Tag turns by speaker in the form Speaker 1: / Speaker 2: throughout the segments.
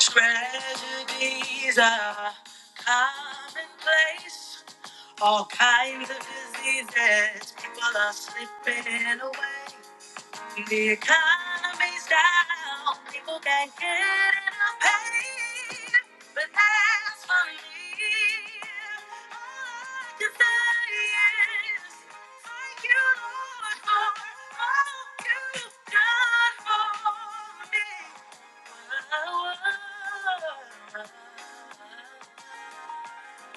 Speaker 1: Tragedies are commonplace. All kinds of diseases. People are slipping away. The economy's down. People can't get enough pay. But as for me, all I can say is thank you, Lord, for all you've done for me. Thank you.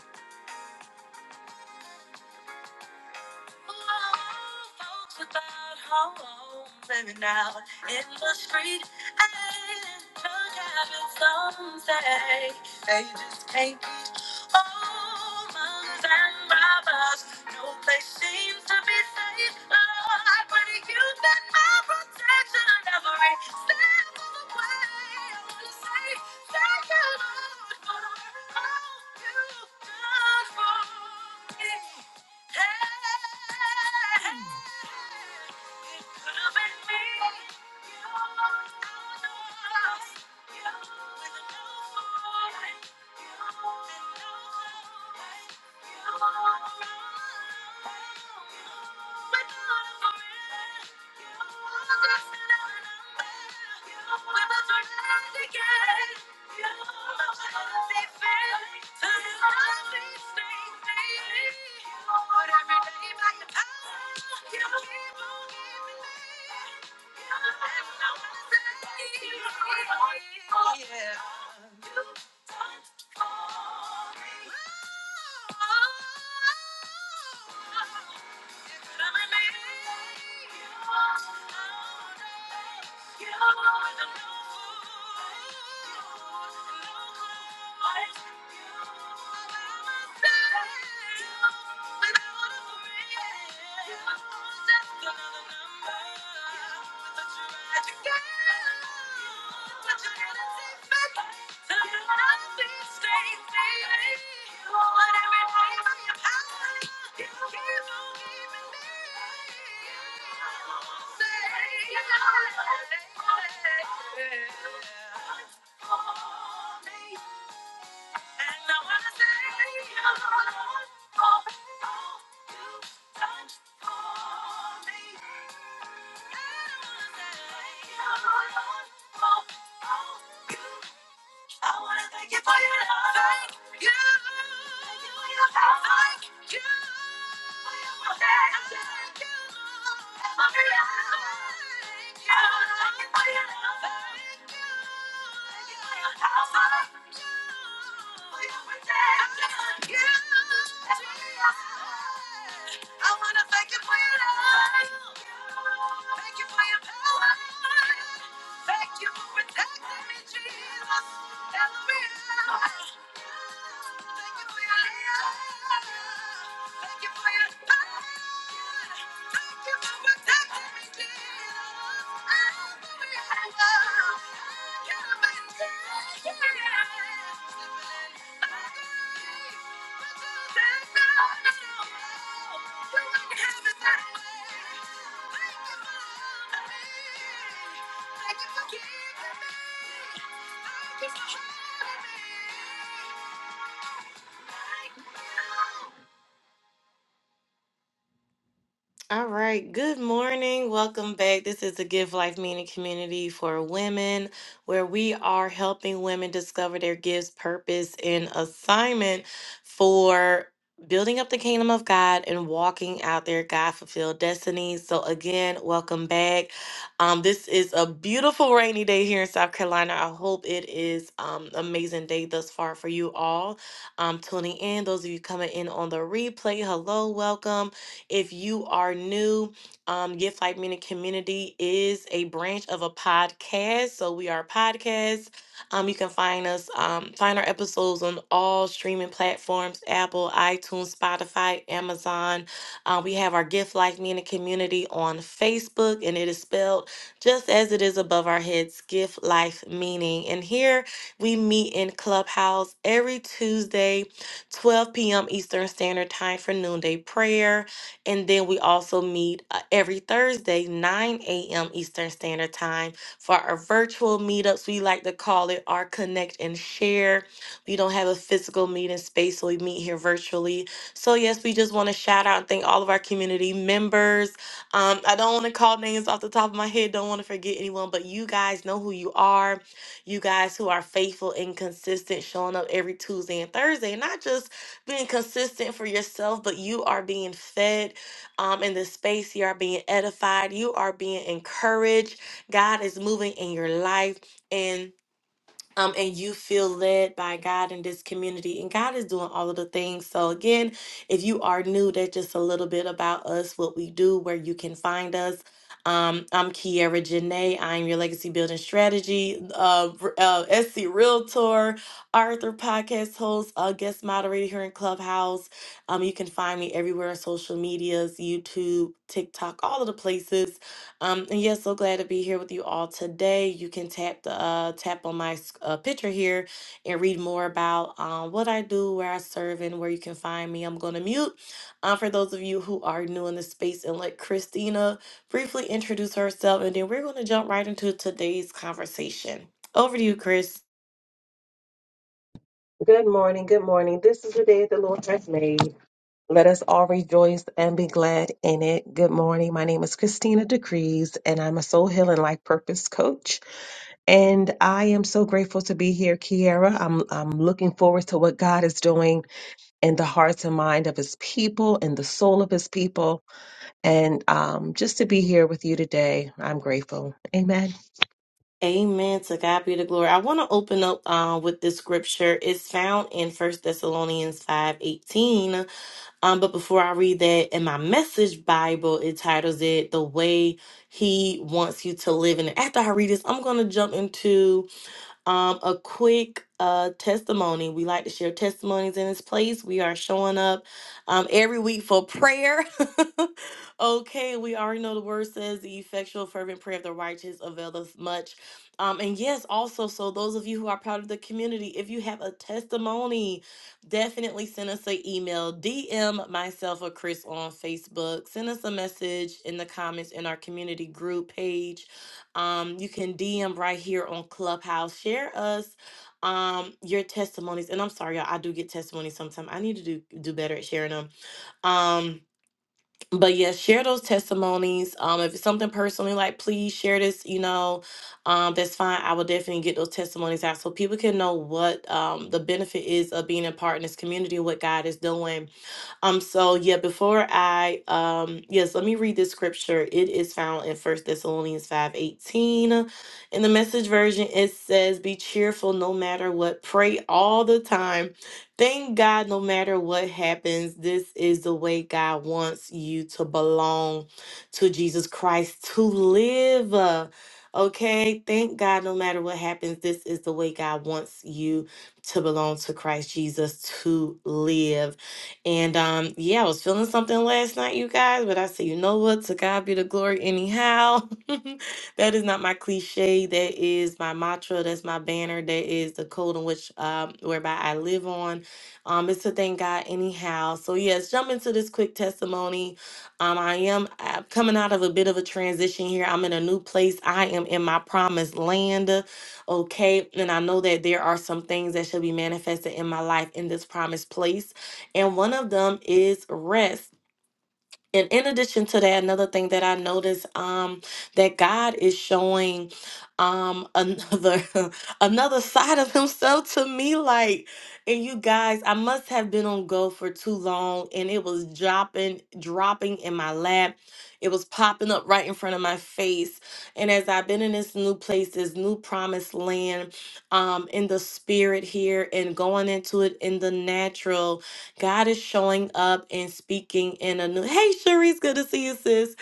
Speaker 1: Folks without home, living out in the street and drug habits. Some say they just can't beat Almonds and robbers, no place seems to be safe. Lord, I pray to you that my protection every step of the way. I wanna say thank you, Lord, for all you've done for me. Thank you. Yeah. Thank you. And I wanna thank you for all you've done for me. I wanna thank you for all you've I wanna thank you for your love. Thank you for your help. Thank you for your protection. Thank you for your love. I wanna thank you for your love. Thank you for your power. Thank you for protecting me, Jesus. Every hour. Thank you for your love. Thank you for your power. Thank you for protecting me, Jesus. Every hour. I can't imagine. Thank you. I you. All right. Good morning. Welcome back. This is the Give Life Meaning Community for Women, where we are helping women discover their gifts, purpose, and assignment for building up the kingdom of God and walking out their God fulfilled destinies. So, again, welcome back. Um, this is a beautiful rainy day here in South Carolina. I hope it is um, amazing day thus far for you all. Um, tuning in, those of you coming in on the replay, hello, welcome. If you are new, um, Gift Life Meaning Community is a branch of a podcast. So we are a podcast. Um, you can find us, um, find our episodes on all streaming platforms Apple, iTunes, Spotify, Amazon. Uh, we have our Gift Life Meaning Community on Facebook, and it is spelled just as it is above our heads Gift Life Meaning. And here we meet in Clubhouse every Tuesday, 12 p.m. Eastern Standard Time for noonday prayer. And then we also meet uh, every Thursday, 9 a.m. Eastern Standard Time for our virtual meetups. We like to call it our connect and share. We don't have a physical meeting space, so we meet here virtually. So, yes, we just want to shout out and thank all of our community members. Um, I don't want to call names off the top of my head, don't want to forget anyone, but you guys know who you are. You guys who are faithful and consistent, showing up every Tuesday and Thursday, not just being consistent for yourself, but you are being fed um, in this space. You are being edified, you are being encouraged. God is moving in your life. and um, and you feel led by God in this community. And God is doing all of the things. So, again, if you are new, that's just a little bit about us, what we do, where you can find us. Um, I'm Kiera Janae. I'm your legacy building strategy, uh, r- uh, SC Realtor, Arthur podcast host, uh, guest moderator here in Clubhouse. Um, you can find me everywhere on social medias, YouTube, TikTok, all of the places. Um, and yes, so glad to be here with you all today. You can tap the uh, tap on my s- uh, picture here and read more about um, what I do, where I serve, and where you can find me. I'm going to mute um, for those of you who are new in the space and let Christina briefly introduce herself, and then we're going to jump right into today's conversation. Over to you, Chris.
Speaker 2: Good morning. Good morning. This is the day the Lord has made. Let us all rejoice and be glad in it. Good morning. My name is Christina Decrees, and I'm a soul healing life purpose coach. And I am so grateful to be here, Kiara. I'm I'm looking forward to what God is doing in the hearts and mind of His people and the soul of His people. And um, just to be here with you today, I'm grateful. Amen.
Speaker 1: Amen. To God be the glory. I want to open up uh, with this scripture. It's found in First Thessalonians five eighteen. Um, but before I read that, in my message Bible, it titles it The Way He Wants You to Live. And after I read this, I'm going to jump into um, a quick uh, testimony. We like to share testimonies in this place. We are showing up um, every week for prayer. Okay, we already know the word says the effectual fervent prayer of the righteous availeth much. Um, and yes, also, so those of you who are proud of the community, if you have a testimony, definitely send us an email, DM myself or Chris on Facebook, send us a message in the comments in our community group page. Um, you can DM right here on Clubhouse, share us um your testimonies. And I'm sorry, y'all, I do get testimonies sometimes. I need to do do better at sharing them. Um but yeah, share those testimonies. Um, if it's something personally, like please share this, you know, um, that's fine. I will definitely get those testimonies out so people can know what um the benefit is of being a part in this community, what God is doing um, so yeah, before I um yes, let me read this scripture. It is found in First Thessalonians 5 18. In the message version, it says, Be cheerful no matter what, pray all the time. Thank God no matter what happens. This is the way God wants you to belong to Jesus Christ, to live. uh, Okay, thank God no matter what happens. This is the way God wants you to belong to Christ Jesus, to live. And um, yeah, I was feeling something last night, you guys, but I said, you know what? To God be the glory, anyhow. that is not my cliche. That is my mantra. That's my banner. That is the code in which um, whereby I live on. Um, it's to thank God, anyhow. So yes, jump into this quick testimony. Um, I am uh, coming out of a bit of a transition here. I'm in a new place. I am in my promised land. Okay, and I know that there are some things that should be manifested in my life in this promised place and one of them is rest. And in addition to that, another thing that I noticed um, that God is showing um, another another side of Himself to me. Like, and you guys, I must have been on go for too long, and it was dropping, dropping in my lap. It was popping up right in front of my face. And as I've been in this new place, this new promised land, um, in the spirit here, and going into it in the natural, God is showing up and speaking in a new Hey Sharice, good to see you, sis.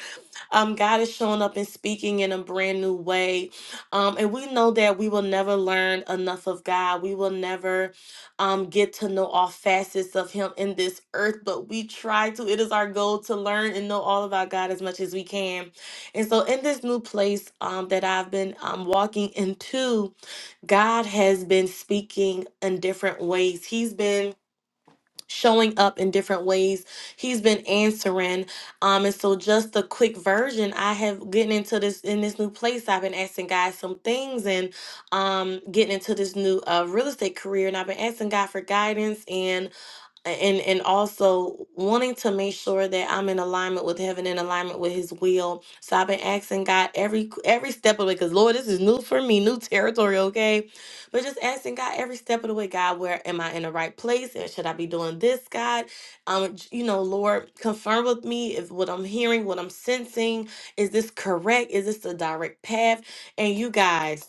Speaker 1: Um, God is showing up and speaking in a brand new way. Um, and we know that we will never learn enough of God. We will never um get to know all facets of Him in this earth, but we try to. It is our goal to learn and know all about God as much as we can. And so in this new place um that I've been um walking into, God has been speaking in different ways. He's been showing up in different ways. He's been answering. Um, and so just a quick version, I have getting into this in this new place. I've been asking God some things and um getting into this new uh real estate career and I've been asking God for guidance and and and also wanting to make sure that I'm in alignment with heaven, in alignment with His will. So I've been asking God every every step of the way, because Lord, this is new for me, new territory, okay? But just asking God every step of the way, God, where am I in the right place, and should I be doing this, God? Um, j- you know, Lord, confirm with me if what I'm hearing, what I'm sensing, is this correct? Is this the direct path? And you guys.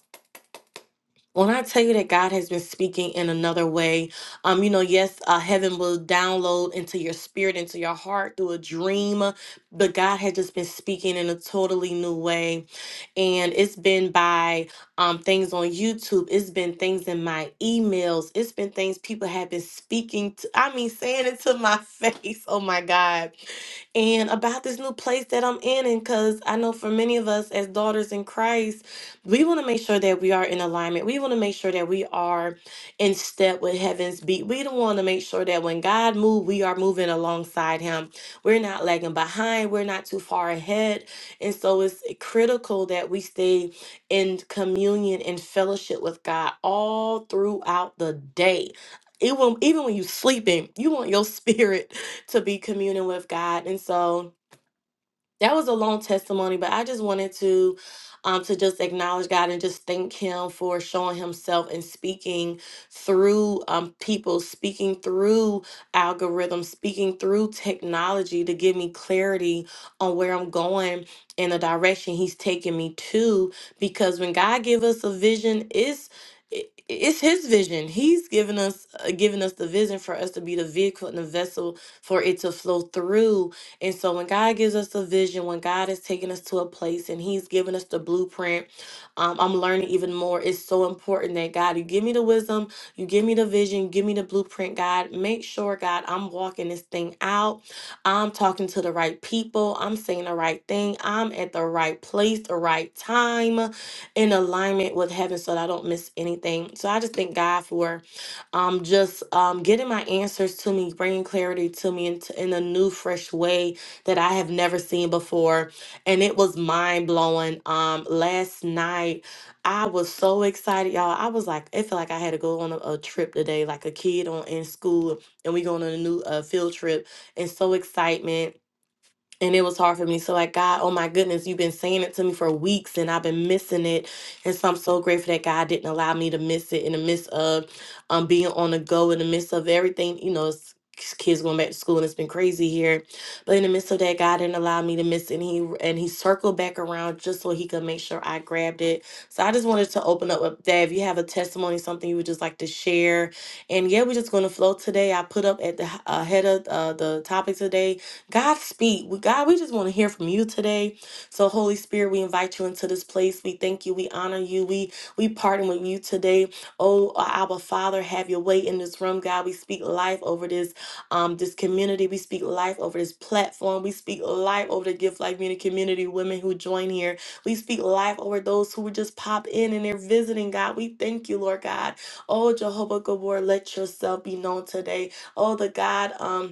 Speaker 1: When I tell you that God has been speaking in another way, um, you know, yes, uh, heaven will download into your spirit, into your heart through a dream, uh, but God has just been speaking in a totally new way, and it's been by um things on YouTube, it's been things in my emails, it's been things people have been speaking to. I mean, saying it to my face. Oh my God! and about this new place that I'm in. And because I know for many of us as daughters in Christ, we want to make sure that we are in alignment. We want to make sure that we are in step with heaven's beat. We don't want to make sure that when God moves, we are moving alongside Him. We're not lagging behind, we're not too far ahead. And so it's critical that we stay in communion and fellowship with God all throughout the day. It will even when you're sleeping, you want your spirit to be communing with God. And so that was a long testimony, but I just wanted to um to just acknowledge God and just thank him for showing himself and speaking through um people, speaking through algorithms, speaking through technology to give me clarity on where I'm going and the direction he's taking me to because when God give us a vision, it's it- it's his vision. He's given us uh, given us the vision for us to be the vehicle and the vessel for it to flow through and so when God gives us a vision, when God is taking us to a place and He's giving us the blueprint, um, I'm learning even more. It's so important that God, you give me the wisdom, you give me the vision, give me the blueprint, God. Make sure, God, I'm walking this thing out. I'm talking to the right people. I'm saying the right thing. I'm at the right place, the right time, in alignment with heaven so that I don't miss anything. So I just thank God for um, just um, getting my answers to me, bringing clarity to me in, in a new, fresh way that I have never seen before. And it was mind blowing. Um, last night, I was so excited, y'all. I was like, it felt like I had to go on a, a trip today, like a kid on in school, and we going on a new uh, field trip, and so excitement and it was hard for me. So like God, oh my goodness, you've been saying it to me for weeks and I've been missing it. And so I'm so grateful that God didn't allow me to miss it in the midst of um being on the go in the midst of everything, you know, it's kids going back to school and it's been crazy here. But in the midst of that, God didn't allow me to miss it. And he and he circled back around just so he could make sure I grabbed it. So I just wanted to open up with that. If you have a testimony, something you would just like to share. And yeah, we're just gonna flow today. I put up at the h- uh, head of uh, the topic today God, speak. We- God, we just want to hear from you today. So, Holy Spirit, we invite you into this place. We thank you. We honor you. We we partner with you today. Oh, our Father, have your way in this room, God. We speak life over this um this community. We speak life over this platform. We speak life over the Gift Life Community community women who join here. We speak life over those who would just pop in and they're visiting, God. We thank you, Lord God. Oh, Jehovah Gabor, let yourself be known today. Oh, the God, um,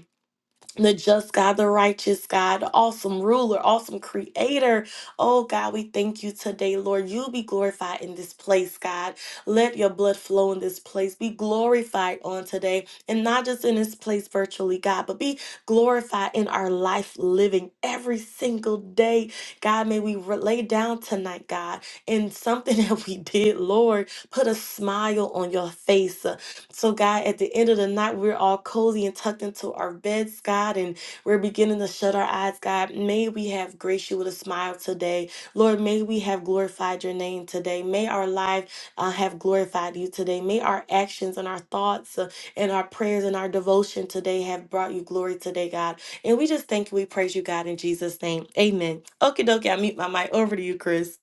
Speaker 1: the just God, the righteous God, awesome ruler, awesome creator. Oh God, we thank you today, Lord. You be glorified in this place, God. Let your blood flow in this place. Be glorified on today, and not just in this place virtually, God, but be glorified in our life living every single day. God, may we re- lay down tonight, God, in something that we did, Lord. Put a smile on your face. So, God, at the end of the night, we're all cozy and tucked into our beds, God, and we're beginning to shut our eyes, God. May we have graced you with a smile today. Lord, may we have glorified your name today. May our life uh, have glorified you today. May our actions and our thoughts uh, and our prayers and our devotion today have brought you glory today, God. And we just thank you. We praise you, God, in Jesus' name. Amen. Okie dokie, I mute my mic. Over to you, Chris.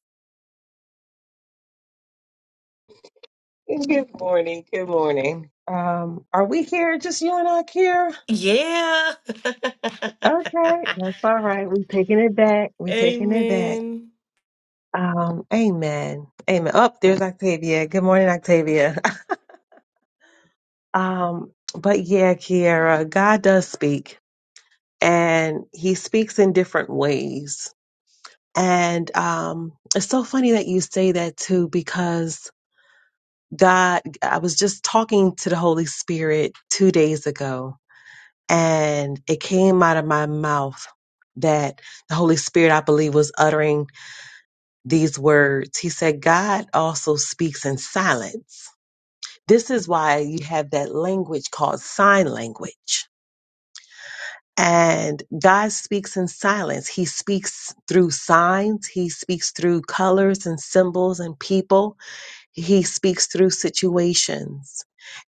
Speaker 2: Good morning. Good morning. Um, are we here? Just you and I, Kiara?
Speaker 1: Yeah.
Speaker 2: Okay, that's all right. We taking it back. We taking it back.
Speaker 1: Amen.
Speaker 2: Um, amen. Amen. Up there's Octavia. Good morning, Octavia. um, but yeah, Kiara, God does speak, and He speaks in different ways. And um, it's so funny that you say that too, because God, I was just talking to the Holy Spirit two days ago, and it came out of my mouth that the Holy Spirit, I believe, was uttering these words. He said, God also speaks in silence. This is why you have that language called sign language. And God speaks in silence. He speaks through signs. He speaks through colors and symbols and people. He speaks through situations.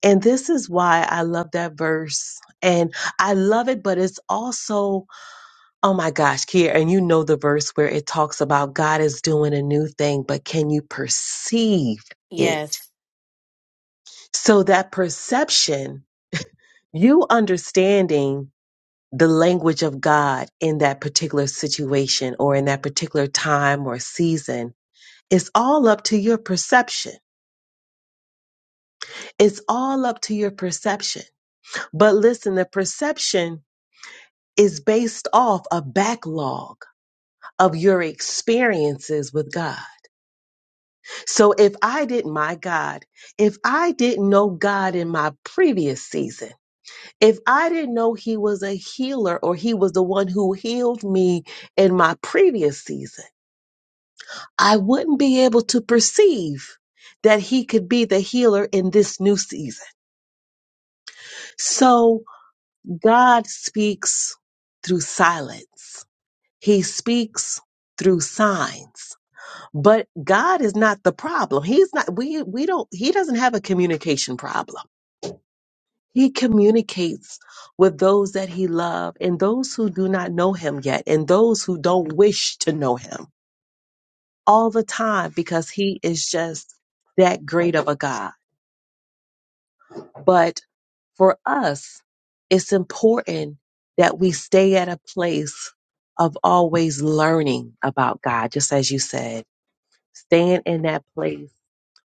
Speaker 2: And this is why I love that verse. And I love it, but it's also Oh my gosh, Kier, and you know the verse where it talks about God is doing a new thing, but can you perceive it?
Speaker 1: Yes.
Speaker 2: So that perception, you understanding the language of God in that particular situation or in that particular time or season, it's all up to your perception. It's all up to your perception. But listen, the perception is based off a backlog of your experiences with God. So if I didn't, my God, if I didn't know God in my previous season, if I didn't know He was a healer or He was the one who healed me in my previous season, I wouldn't be able to perceive that He could be the healer in this new season. So God speaks through silence, He speaks through signs. But God is not the problem. He's not we we don't he doesn't have a communication problem He communicates with those that he loves and those who do not know him yet and those who don't wish to know him all the time because he is just that great of a God. But for us, it's important that we stay at a place of always learning about God, just as you said, staying in that place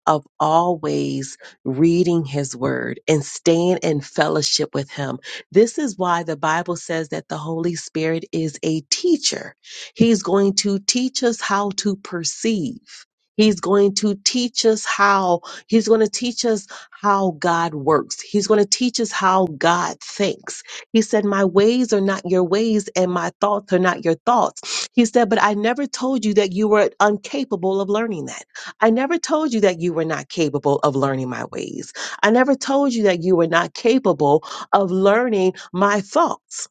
Speaker 2: of always reading his word and staying in fellowship with him. This is why the Bible says that the Holy Spirit is a teacher. He's going to teach us how to perceive. He's going to teach us how, he's going to teach us how God works. He's going to teach us how God thinks. He said, My ways are not your ways, and my thoughts are not your thoughts. He said, But I never told you that you were incapable of learning that. I never told you that you were not capable of learning my ways. I never told you that you were not capable of learning my thoughts.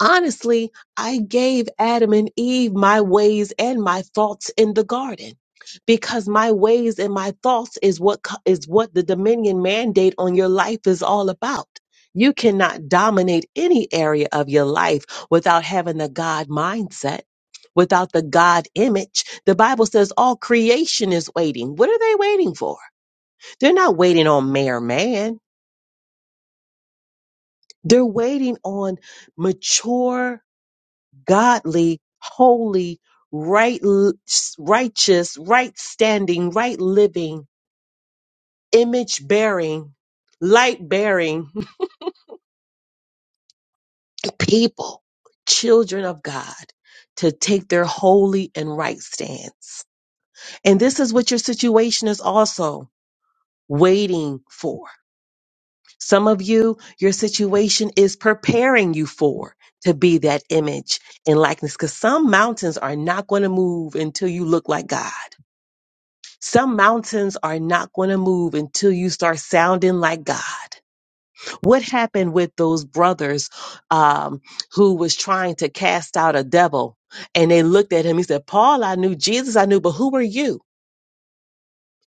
Speaker 2: Honestly, I gave Adam and Eve my ways and my thoughts in the garden because my ways and my thoughts is what co- is what the dominion mandate on your life is all about. You cannot dominate any area of your life without having the God mindset. Without the God image, the Bible says all creation is waiting. What are they waiting for? They're not waiting on mere man. They're waiting on mature godly, holy, right, righteous, right standing, right living, image bearing, light bearing people, children of God, to take their holy and right stance. And this is what your situation is also waiting for. Some of you, your situation is preparing you for to be that image and likeness because some mountains are not going to move until you look like God. Some mountains are not going to move until you start sounding like God. What happened with those brothers um, who was trying to cast out a devil? And they looked at him. He said, Paul, I knew Jesus, I knew, but who are you?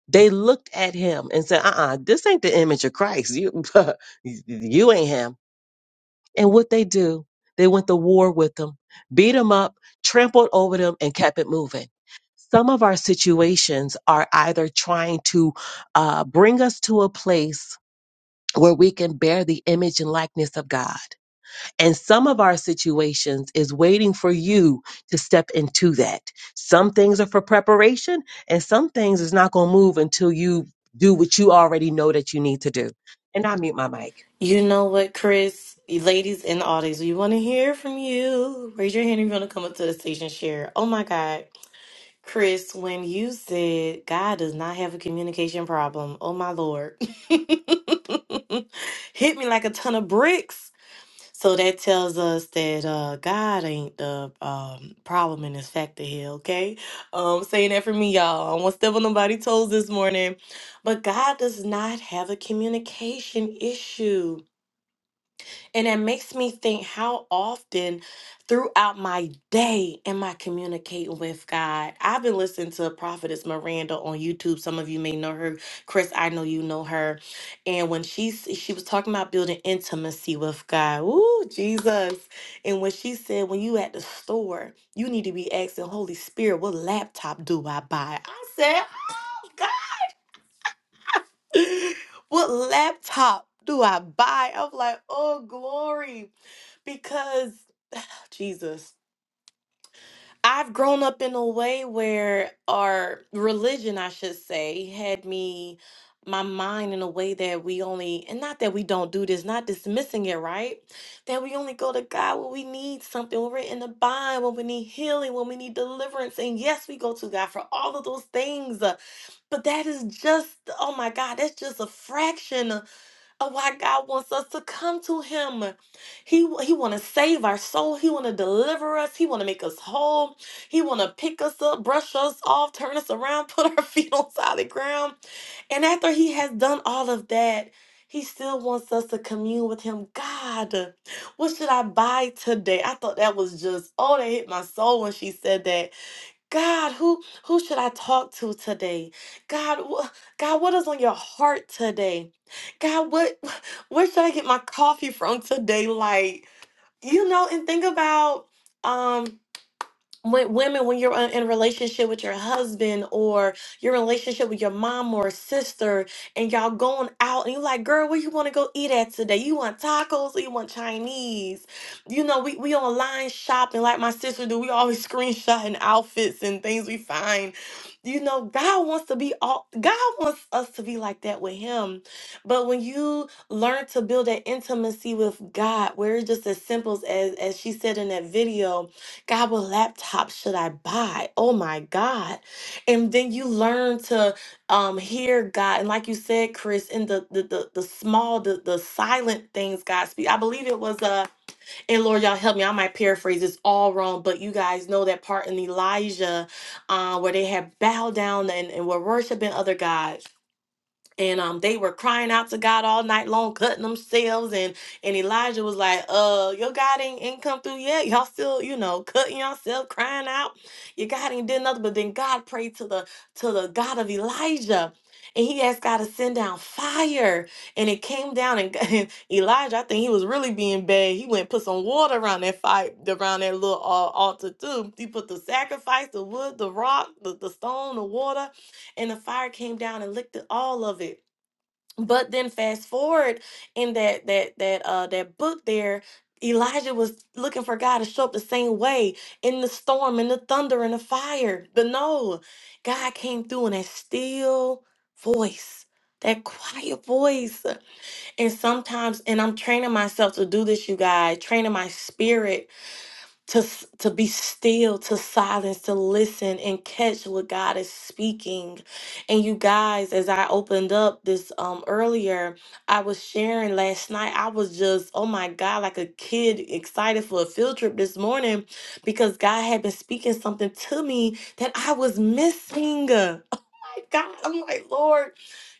Speaker 2: They looked at him and said, uh uh this ain't the image of Christ. You, you ain't him and what they do, they went to war with them, beat them up, trampled over them, and kept it moving. Some of our situations are either trying to uh, bring us to a place where we can bear the image and likeness of God. And some of our situations is waiting for you to step into that. Some things are for preparation, and some things is not going to move until you do what you already know that you need to do. And I mute my mic.
Speaker 1: You know what, Chris? Ladies in the audience, we want to hear from you. Raise your hand if you want to come up to the stage and share. Oh my God. Chris, when you said God does not have a communication problem, oh my Lord, hit me like a ton of bricks. So that tells us that uh, God ain't the um, problem in this factor here, okay? Um, saying that for me, y'all. I don't want to step on nobody's toes this morning. But God does not have a communication issue and it makes me think how often throughout my day am I communicating with God? I've been listening to Prophetess Miranda on YouTube. Some of you may know her. Chris, I know you know her. And when she s- she was talking about building intimacy with God. Ooh, Jesus. And when she said, when you at the store, you need to be asking, Holy Spirit, what laptop do I buy? I said, oh God, what top do I buy? I'm like, oh grief. Because Jesus. I've grown up in a way where our religion, I should say, had me my mind in a way that we only and not that we don't do this, not dismissing it, right? That we only go to God when we need something, when we're in a bind, when we need healing, when we need deliverance. And yes, we go to God for all of those things. uh, But that is just, oh my God, that's just a fraction. Oh, why God wants us to come to Him. He He want to save our soul. He want to deliver us. He want to make us whole. He want to pick us up, brush us off, turn us around, put our feet on solid ground. And after He has done all of that. He still wants us to commune with him. God, what should I buy today? I thought that was just, oh, that hit my soul when she said that God, who who should I talk to today? God, wh- God, what is on your heart today? God, what where should I get my coffee from today? Like, you know, and think about um when women when you're uh, in a relationship with your husband or your relationship with your mom or sister and y'all going out and you're like girl where you want to go eat at today you want tacos or you want chinese you know we, we online shopping like my sister do we always screenshotting outfits and things we find you know, God wants to be all God wants us to be like that with him. But when you learn to build that intimacy with God, where it's just as simple as as she said in that video, God, what laptop should I buy? Oh my God. And then you learn to um hear God. And like you said, Chris, in the the the, the small, the the silent things God speaks. I believe it was uh, and Lord, y'all help me. I might paraphrase this all wrong, but you guys know that part in Elijah uh, where they had bowed down and, and were worshiping other gods and um they were crying out to God all night long, cutting themselves, and and Elijah was like, "Uh, your God ain't, ain't come through yet. Y'all still, you know, cutting yourself, crying out. Your God ain't did nothing." But then God prayed to the to the God of Elijah, and he asked God to send down fire, and it came down. And, and Elijah, I think he was really being bad. He went and put some water around that fire, around that little uh, altar too. He put the sacrifice, the wood, the rock, the, the stone, the water, and the fire came down and licked it, all of it but then fast forward in that that that uh that book there Elijah was looking for God to show up the same way in the storm in the thunder and the fire but no God came through in that still voice that quiet voice and sometimes and I'm training myself to do this you guys training my spirit to s- to be still to silence to listen and catch what god is speaking and you guys as i opened up this um earlier i was sharing last night i was just oh my god like a kid excited for a field trip this morning because god had been speaking something to me that i was missing God, I'm like, Lord,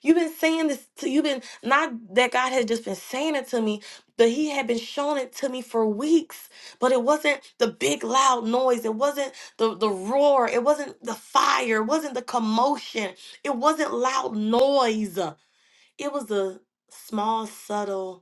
Speaker 1: you've been saying this to you've been not that God had just been saying it to me, but He had been showing it to me for weeks. But it wasn't the big loud noise, it wasn't the, the roar, it wasn't the fire, it wasn't the commotion, it wasn't loud noise. It was a small, subtle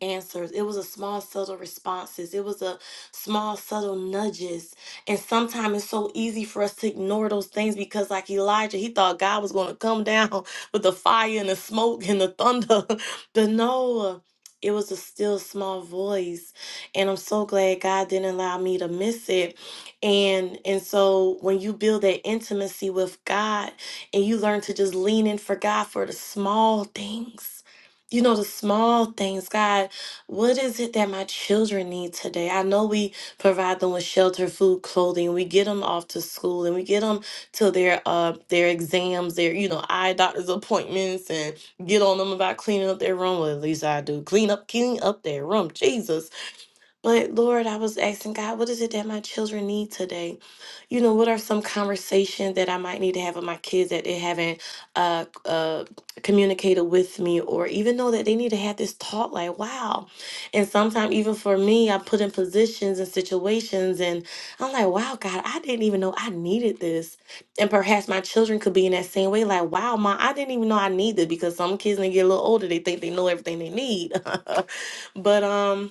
Speaker 1: answers it was a small subtle responses it was a small subtle nudges and sometimes it's so easy for us to ignore those things because like elijah he thought god was going to come down with the fire and the smoke and the thunder but no it was a still small voice and i'm so glad god didn't allow me to miss it and and so when you build that intimacy with god and you learn to just lean in for god for the small things you know the small things god what is it that my children need today? I know we provide them with shelter, food, clothing. We get them off to school and we get them to their uh their exams, their you know eye doctor's appointments, and get on them about cleaning up their room. Well, at least I do. Clean up, clean up their room. Jesus but Lord, I was asking God, what is it that my children need today? You know, what are some conversations that I might need to have with my kids that they haven't uh, uh, communicated with me, or even know that they need to have this talk? Like, wow. And sometimes, even for me, I put in positions and situations, and I'm like, wow, God, I didn't even know I needed this. And perhaps my children could be in that same way, like, wow, mom, I didn't even know I needed because some kids, when they get a little older, they think they know everything they need. but um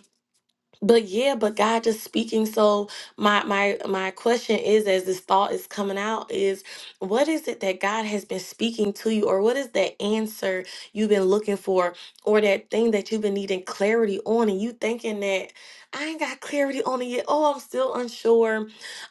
Speaker 1: but yeah, but God just speaking. So my my my question is, as this thought is coming out, is what is it that God has been speaking to you, or what is that answer you've been looking for, or that thing that you've been needing clarity on, and you thinking that I ain't got clarity on it yet. Oh, I'm still unsure.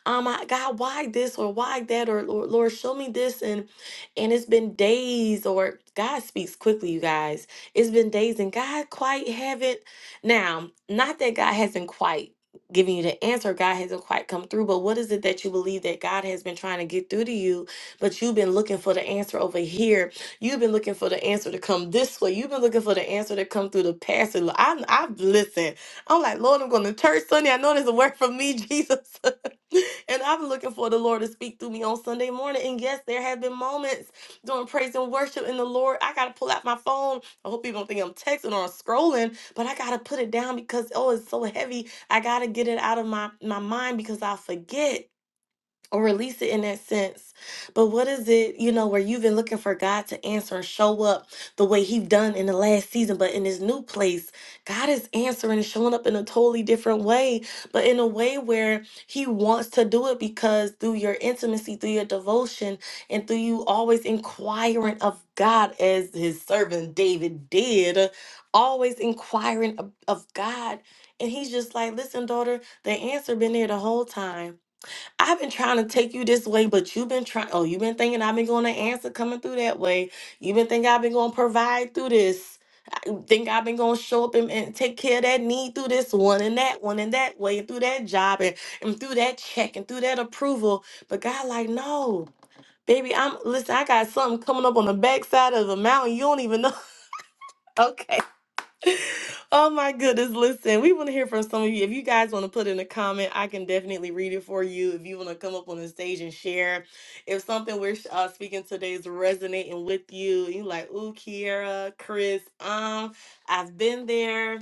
Speaker 1: Um, I, God, why this or why that, or Lord, Lord, show me this, and and it's been days, or God speaks quickly, you guys. It's been days, and God quite haven't now, not that God hasn't quite given you the answer, God hasn't quite come through, but what is it that you believe that God has been trying to get through to you, but you've been looking for the answer over here? You've been looking for the answer to come this way. You've been looking for the answer to come through the pastor. Lo- I'm, I've listened. I'm like, Lord, I'm going to church Sunday. I know there's a word for me, Jesus. and I've been looking for the Lord to speak through me on Sunday morning. And yes, there have been moments during praise and worship in the Lord. I got to pull out my phone. I hope people don't think I'm texting or I'm scrolling but I gotta put it down because oh, it's so heavy. I gotta get it out of my my mind because I forget or release it in that sense. But what is it, you know, where you've been looking for God to answer and show up the way He done in the last season, but in this new place, God is answering and showing up in a totally different way, but in a way where He wants to do it because through your intimacy, through your devotion, and through you always inquiring of God as His servant David did, always inquiring of, of God. And he's just like, listen, daughter, the answer been there the whole time I've been trying to take you this way, but you've been trying. Oh, you've been thinking I've been going to answer coming through that way. You've been thinking I've been going to provide through this. Think I've been going to show up and, and take care of that need through this one and that one and that way and through that job and, and through that check and through that approval. But God, like, no, baby, I'm listen. I got something coming up on the backside of the mountain. You don't even know. Okay. Oh my goodness, listen, we want to hear from some of you. If you guys want to put in a comment, I can definitely read it for you. If you want to come up on the stage and share, if something we're uh, speaking today is resonating with you, you like, ooh, Kiera, Chris, um, I've been there,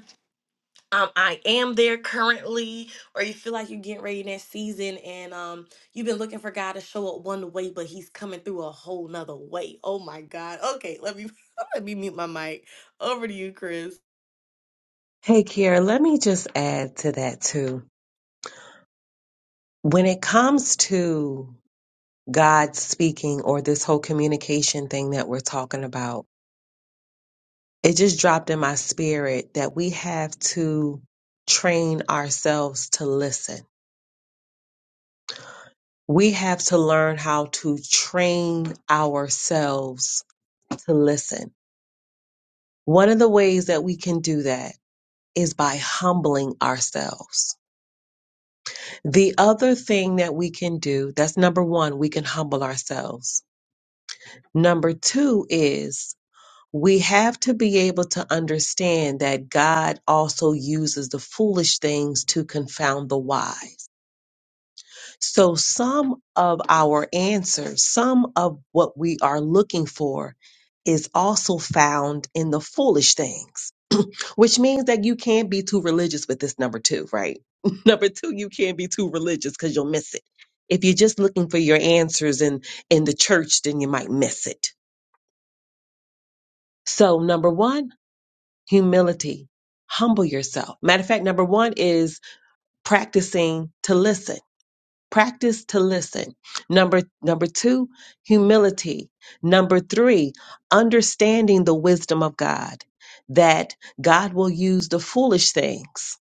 Speaker 1: um, I am there currently, or you feel like you're getting ready next season and um, you've been looking for God to show up one way, but he's coming through a whole nother way. Oh my God. Okay, let me let me mute my mic. Over to you, Chris.
Speaker 2: Hey, Kiera, let me just add to that too When it comes to God speaking or this whole communication thing that we're talking about, it just dropped in my spirit that we have to train ourselves to listen. We have to learn how to train ourselves to listen. One of the ways that we can do that is by humbling ourselves. The other thing that we can do, that's number one, we can humble ourselves. Number two is we have to be able to understand that God also uses the foolish things to confound the wise. So, some of our answers, some of what we are looking for, is also found in the foolish things, which means that you can't be too religious with this number two, right? number two, you can't be too religious because you'll miss it. If you're just looking for your answers in, in the church, then you might miss it. So, number one, humility. Humble yourself. Matter of fact, number one is practicing to listen. Practice to listen. Number number two, humility. Number three, understanding the wisdom of God. That God will use the foolish things.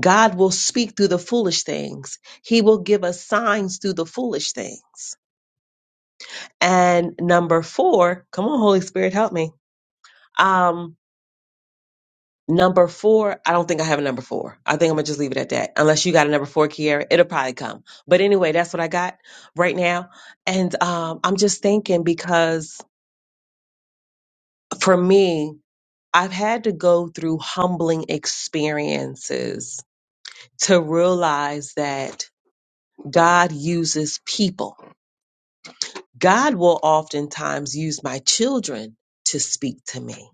Speaker 2: God will speak through the foolish things. He will give us signs through the foolish things. And number four, come on, Holy Spirit, help me. Um, Number four, I don't think I have a number four. I think I'm gonna just leave it at that. Unless you got a number four, Kiara, it'll probably come. But anyway, that's what I got right now. And um, I'm just thinking because for me, I've had to go through humbling experiences to realize that God uses people. God will oftentimes use my children to speak to me.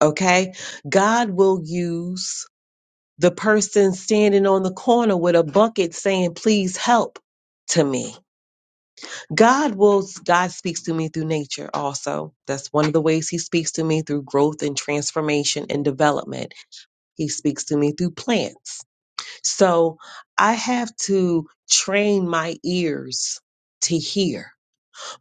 Speaker 2: Okay. God will use the person standing on the corner with a bucket saying, Please help to me. God will, God speaks to me through nature also. That's one of the ways He speaks to me through growth and transformation and development. He speaks to me through plants. So I have to train my ears to hear.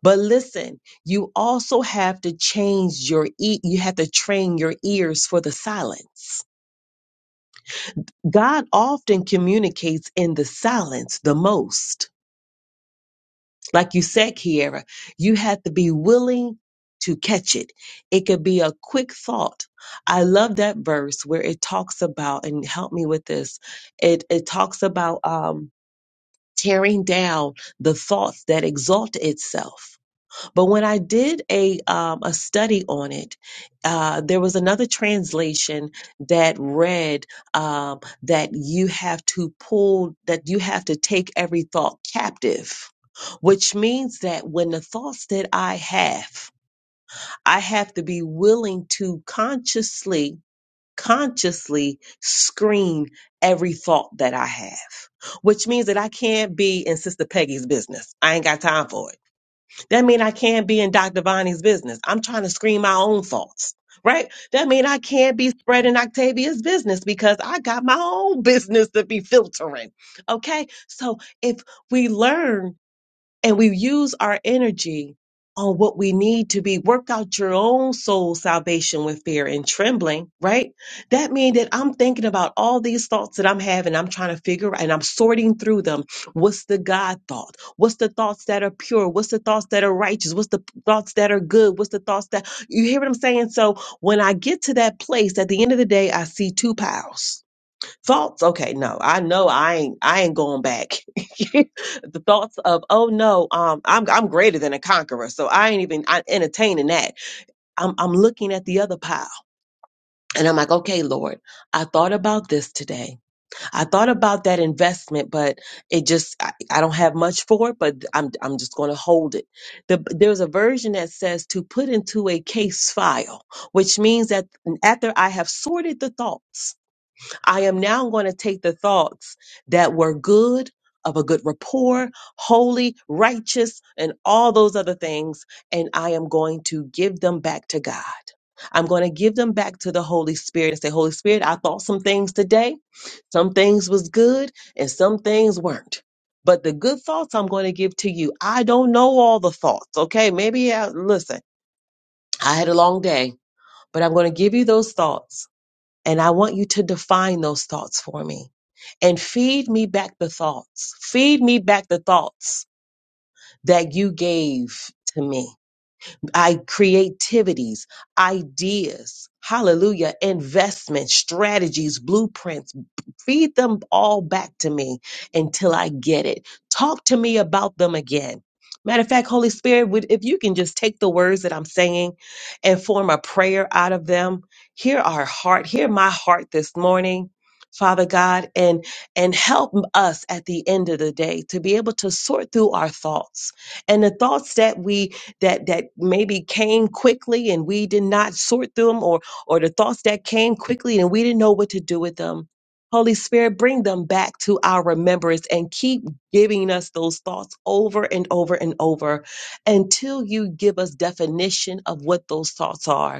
Speaker 2: But listen, you also have to change your e- you have to train your ears for the silence God often communicates in the silence the most. Like you said, Kiera, you have to be willing to catch it. It could be a quick thought. I love that verse where it talks about, and help me with this. It it talks about um tearing down the thoughts that exalt itself. But when I did a um, a study on it, uh, there was another translation that read um, that you have to pull that you have to take every thought captive, which means that when the thoughts that I have, I have to be willing to consciously consciously screen every thought that I have, which means that I can't be in Sister Peggy's business. I ain't got time for it. That means I can't be in Dr. Bonnie's business. I'm trying to screen my own faults, right? That means I can't be spreading Octavia's business because I got my own business to be filtering. Okay. So if we learn and we use our energy on what we need to be work out your own soul salvation with fear and trembling right that means that i'm thinking about all these thoughts that i'm having i'm trying to figure out and i'm sorting through them what's the god thought what's the thoughts that are pure what's the thoughts that are righteous what's the thoughts that are good what's the thoughts that you hear what i'm saying so when i get to that place at the end of the day i see two piles thoughts okay no i know i ain't i ain't going back the thoughts of oh no um i'm i'm greater than a conqueror so i ain't even I, entertaining that i'm i'm looking at the other pile and i'm like okay lord i thought about this today i thought about that investment but it just i, I don't have much for it but i'm i'm just going to hold it the, there's a version that says to put into a case file which means that after i have sorted the thoughts I am now going to take the thoughts that were good, of a good rapport, holy, righteous, and all those other things, and I am going to give them back to God. I'm going to give them back to the Holy Spirit and say, Holy Spirit, I thought some things today. Some things was good and some things weren't. But the good thoughts I'm going to give to you. I don't know all the thoughts. Okay. Maybe, I, listen, I had a long day, but I'm going to give you those thoughts and I want you to define those thoughts for me and feed me back the thoughts. Feed me back the thoughts that you gave to me. I creativities, ideas, hallelujah, investments, strategies, blueprints. Feed them all back to me until I get it. Talk to me about them again. Matter of fact, Holy Spirit, would if you can just take the words that I'm saying and form a prayer out of them, hear our heart, hear my heart this morning, Father God, and and help us at the end of the day to be able to sort through our thoughts and the thoughts that we that that maybe came quickly and we did not sort them or or the thoughts that came quickly and we didn't know what to do with them holy spirit bring them back to our remembrance and keep giving us those thoughts over and over and over until you give us definition of what those thoughts are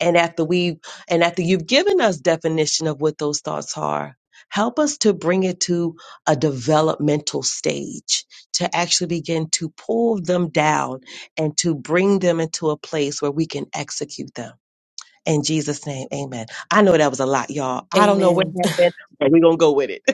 Speaker 2: and after we and after you've given us definition of what those thoughts are help us to bring it to a developmental stage to actually begin to pull them down and to bring them into a place where we can execute them in jesus name amen i know that was a lot y'all i don't know what
Speaker 1: Amen.
Speaker 2: happened but we're gonna go with it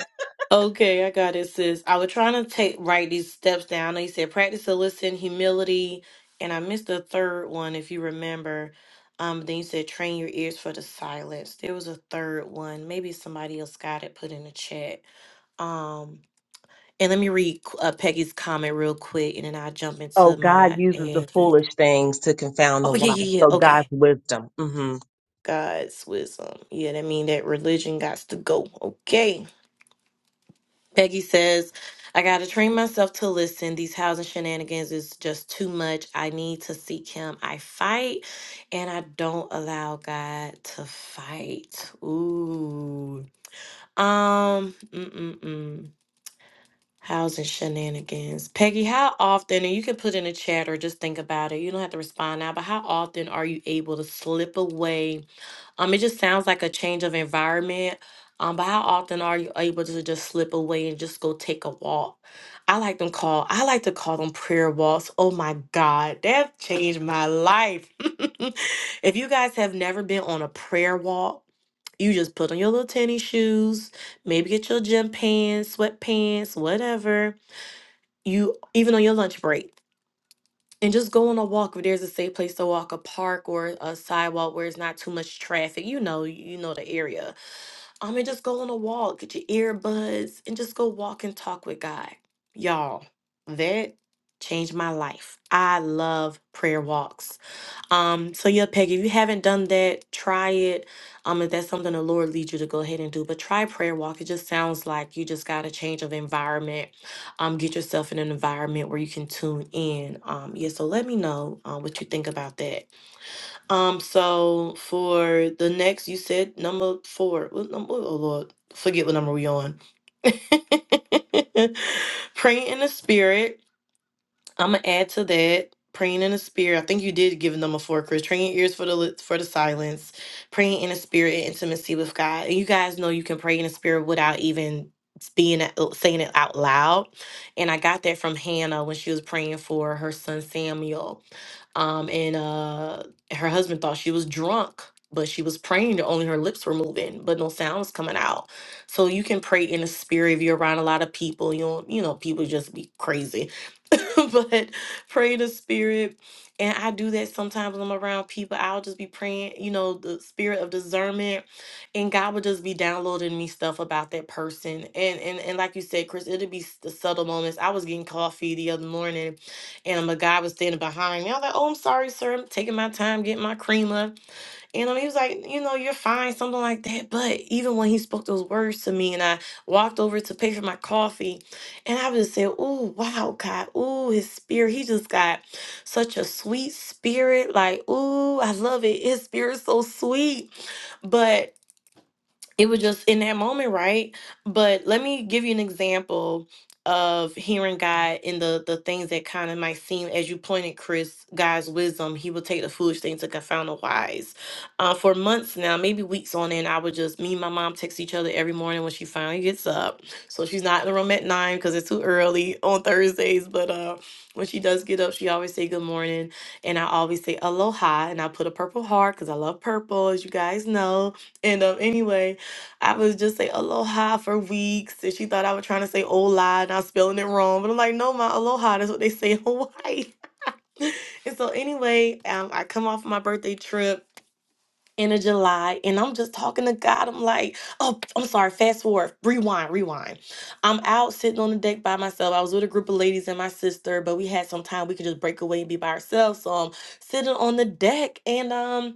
Speaker 1: Okay, I got it, sis. I was trying to take write these steps down. You said practice to listen, humility, and I missed the third one if you remember. Um, then you said train your ears for the silence. There was a third one. Maybe somebody else got it put in the chat. Um, and let me read uh, Peggy's comment real quick, and then I'll jump
Speaker 2: Oh,
Speaker 1: into my
Speaker 2: God uses the
Speaker 1: ad. here.
Speaker 2: foolish things to confound the
Speaker 1: Oh yeah,
Speaker 2: wise.
Speaker 1: yeah, yeah.
Speaker 2: So
Speaker 1: Okay,
Speaker 2: God's wisdom. hmm
Speaker 1: God's wisdom. Yeah, that mean that religion got to go. Okay. Peggy says, I got to train myself to listen. These housing shenanigans is just too much. I need to seek him. I fight and I don't allow God to fight. Ooh. Um, mm-mm-mm. Housing shenanigans. Peggy, how often, and you can put in a chat or just think about it. You don't have to respond now, but how often are you able to slip away? Um, it just sounds like a change of environment. Um, but how often are you able to just slip away and just go take a walk? I like them call I like to call them prayer walks. Oh my God, that changed my life. if you guys have never been on a prayer walk, you just put on your little tennis shoes, maybe get your gym pants, sweatpants, whatever. You even on your lunch break. And just go on a walk if there's a safe place to walk, a park or a sidewalk where it's not too much traffic. You know, you know the area. Um, and just go on a walk, get your earbuds, and just go walk and talk with God. Y'all, that changed my life. I love prayer walks. Um, so yeah, Peggy, if you haven't done that, try it. Um, if that's something the Lord leads you to go ahead and do, but try prayer walk. It just sounds like you just got a change of environment. Um, get yourself in an environment where you can tune in. Um, yeah, so let me know uh, what you think about that. Um, so for the next, you said number four. What number? Oh Lord, forget what number we on. Praying in the spirit. I'm gonna add to that praying in the spirit. I think you did give number four, Chris. Train your ears for the li- for the silence, praying in the spirit and intimacy with God. And you guys know you can pray in the spirit without even being a- uh, saying it out loud. And I got that from Hannah when she was praying for her son Samuel. Um, and uh, her husband thought she was drunk, but she was praying. that Only her lips were moving, but no sound was coming out. So you can pray in the spirit if you're around a lot of people. You don't, you know, people just be crazy, but pray in the spirit. And I do that sometimes when I'm around people. I'll just be praying, you know, the spirit of discernment, and God would just be downloading me stuff about that person. And and and like you said, Chris, it'll be s- the subtle moments. I was getting coffee the other morning, and um, a guy was standing behind me. I was like, oh, I'm sorry, sir. I'm taking my time getting my creamer. And um, he was like, you know, you're fine, something like that. But even when he spoke those words to me and I walked over to pay for my coffee, and I just said, oh, wow, God. Oh, his spirit. He just got such a sweet spirit. Like, oh, I love it. His spirit's so sweet. But it was just in that moment, right? But let me give you an example of hearing God in the the things that kind of might seem, as you pointed, Chris, God's wisdom. He will take the foolish things to confound the wise. Uh, for months now, maybe weeks on end, I would just me and my mom text each other every morning when she finally gets up. So she's not in the room at nine because it's too early on Thursdays. But uh, when she does get up, she always say good morning, and I always say aloha, and I put a purple heart because I love purple, as you guys know. And um, anyway. I would just say aloha for weeks, and she thought I was trying to say ola, and I was spelling it wrong. But I'm like, no, my aloha, that's what they say in Hawaii. And so, anyway, um, I come off my birthday trip in of July, and I'm just talking to God. I'm like, oh, I'm sorry, fast forward, rewind, rewind. I'm out sitting on the deck by myself. I was with a group of ladies and my sister, but we had some time we could just break away and be by ourselves. So I'm sitting on the deck, and um,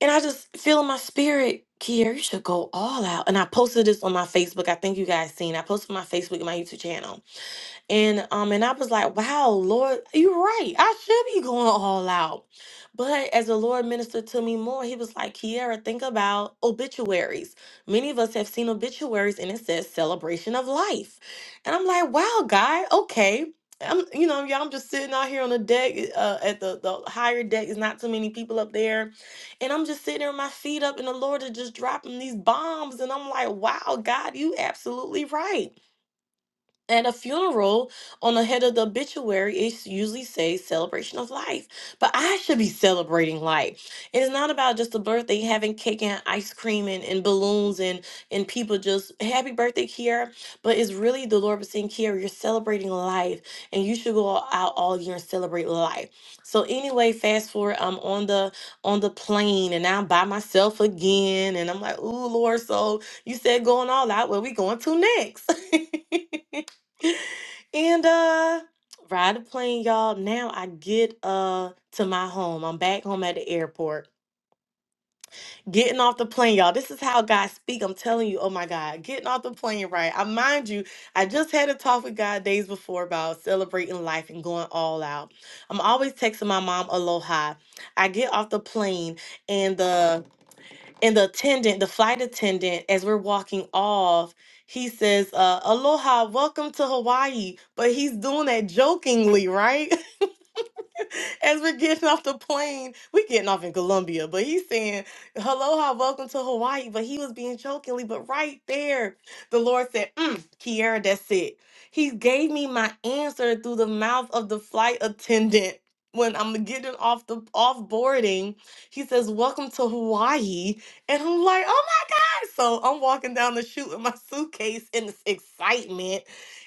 Speaker 1: and I just feel in my spirit, Kier, you should go all out. And I posted this on my Facebook. I think you guys seen. I posted my Facebook and my YouTube channel. And um, and I was like, wow, Lord, you're right. I should be going all out. But as the Lord ministered to me more, he was like, Kiera, think about obituaries. Many of us have seen obituaries and it says celebration of life. And I'm like, wow, God, okay. I'm, you know, y'all, I'm just sitting out here on the deck uh, at the, the higher deck. There's not too many people up there and I'm just sitting there with my feet up, and the Lord is just dropping these bombs. And I'm like, wow, God, you absolutely right. At a funeral, on the head of the obituary, it s- usually says celebration of life. But I should be celebrating life. It's not about just a birthday, having cake and ice cream and, and balloons and, and people just happy birthday, Kiara. But it's really the Lord was saying, Kiara, you're celebrating life and you should go all- out all year and celebrate life. So anyway, fast forward, I'm on the on the plane and I'm by myself again. And I'm like, ooh, Lord, so you said going all out. Where we going to next? And uh ride the plane, y'all. Now I get uh to my home. I'm back home at the airport. Getting off the plane, y'all. This is how God speak. I'm telling you, oh my God. Getting off the plane, right? I mind you, I just had a talk with God days before about celebrating life and going all out. I'm always texting my mom aloha. I get off the plane and the and the attendant, the flight attendant, as we're walking off, he says, uh, "Aloha, welcome to Hawaii," but he's doing that jokingly, right? as we're getting off the plane. We're getting off in Colombia, but he's saying, Aloha, welcome to Hawaii. But he was being jokingly, but right there, the Lord said, mm, Kiara, that's it. He gave me my answer through the mouth of the flight attendant. When I'm getting off the off boarding, he says, Welcome to Hawaii. And I'm like, oh my God. So I'm walking down the chute with my suitcase in this excitement.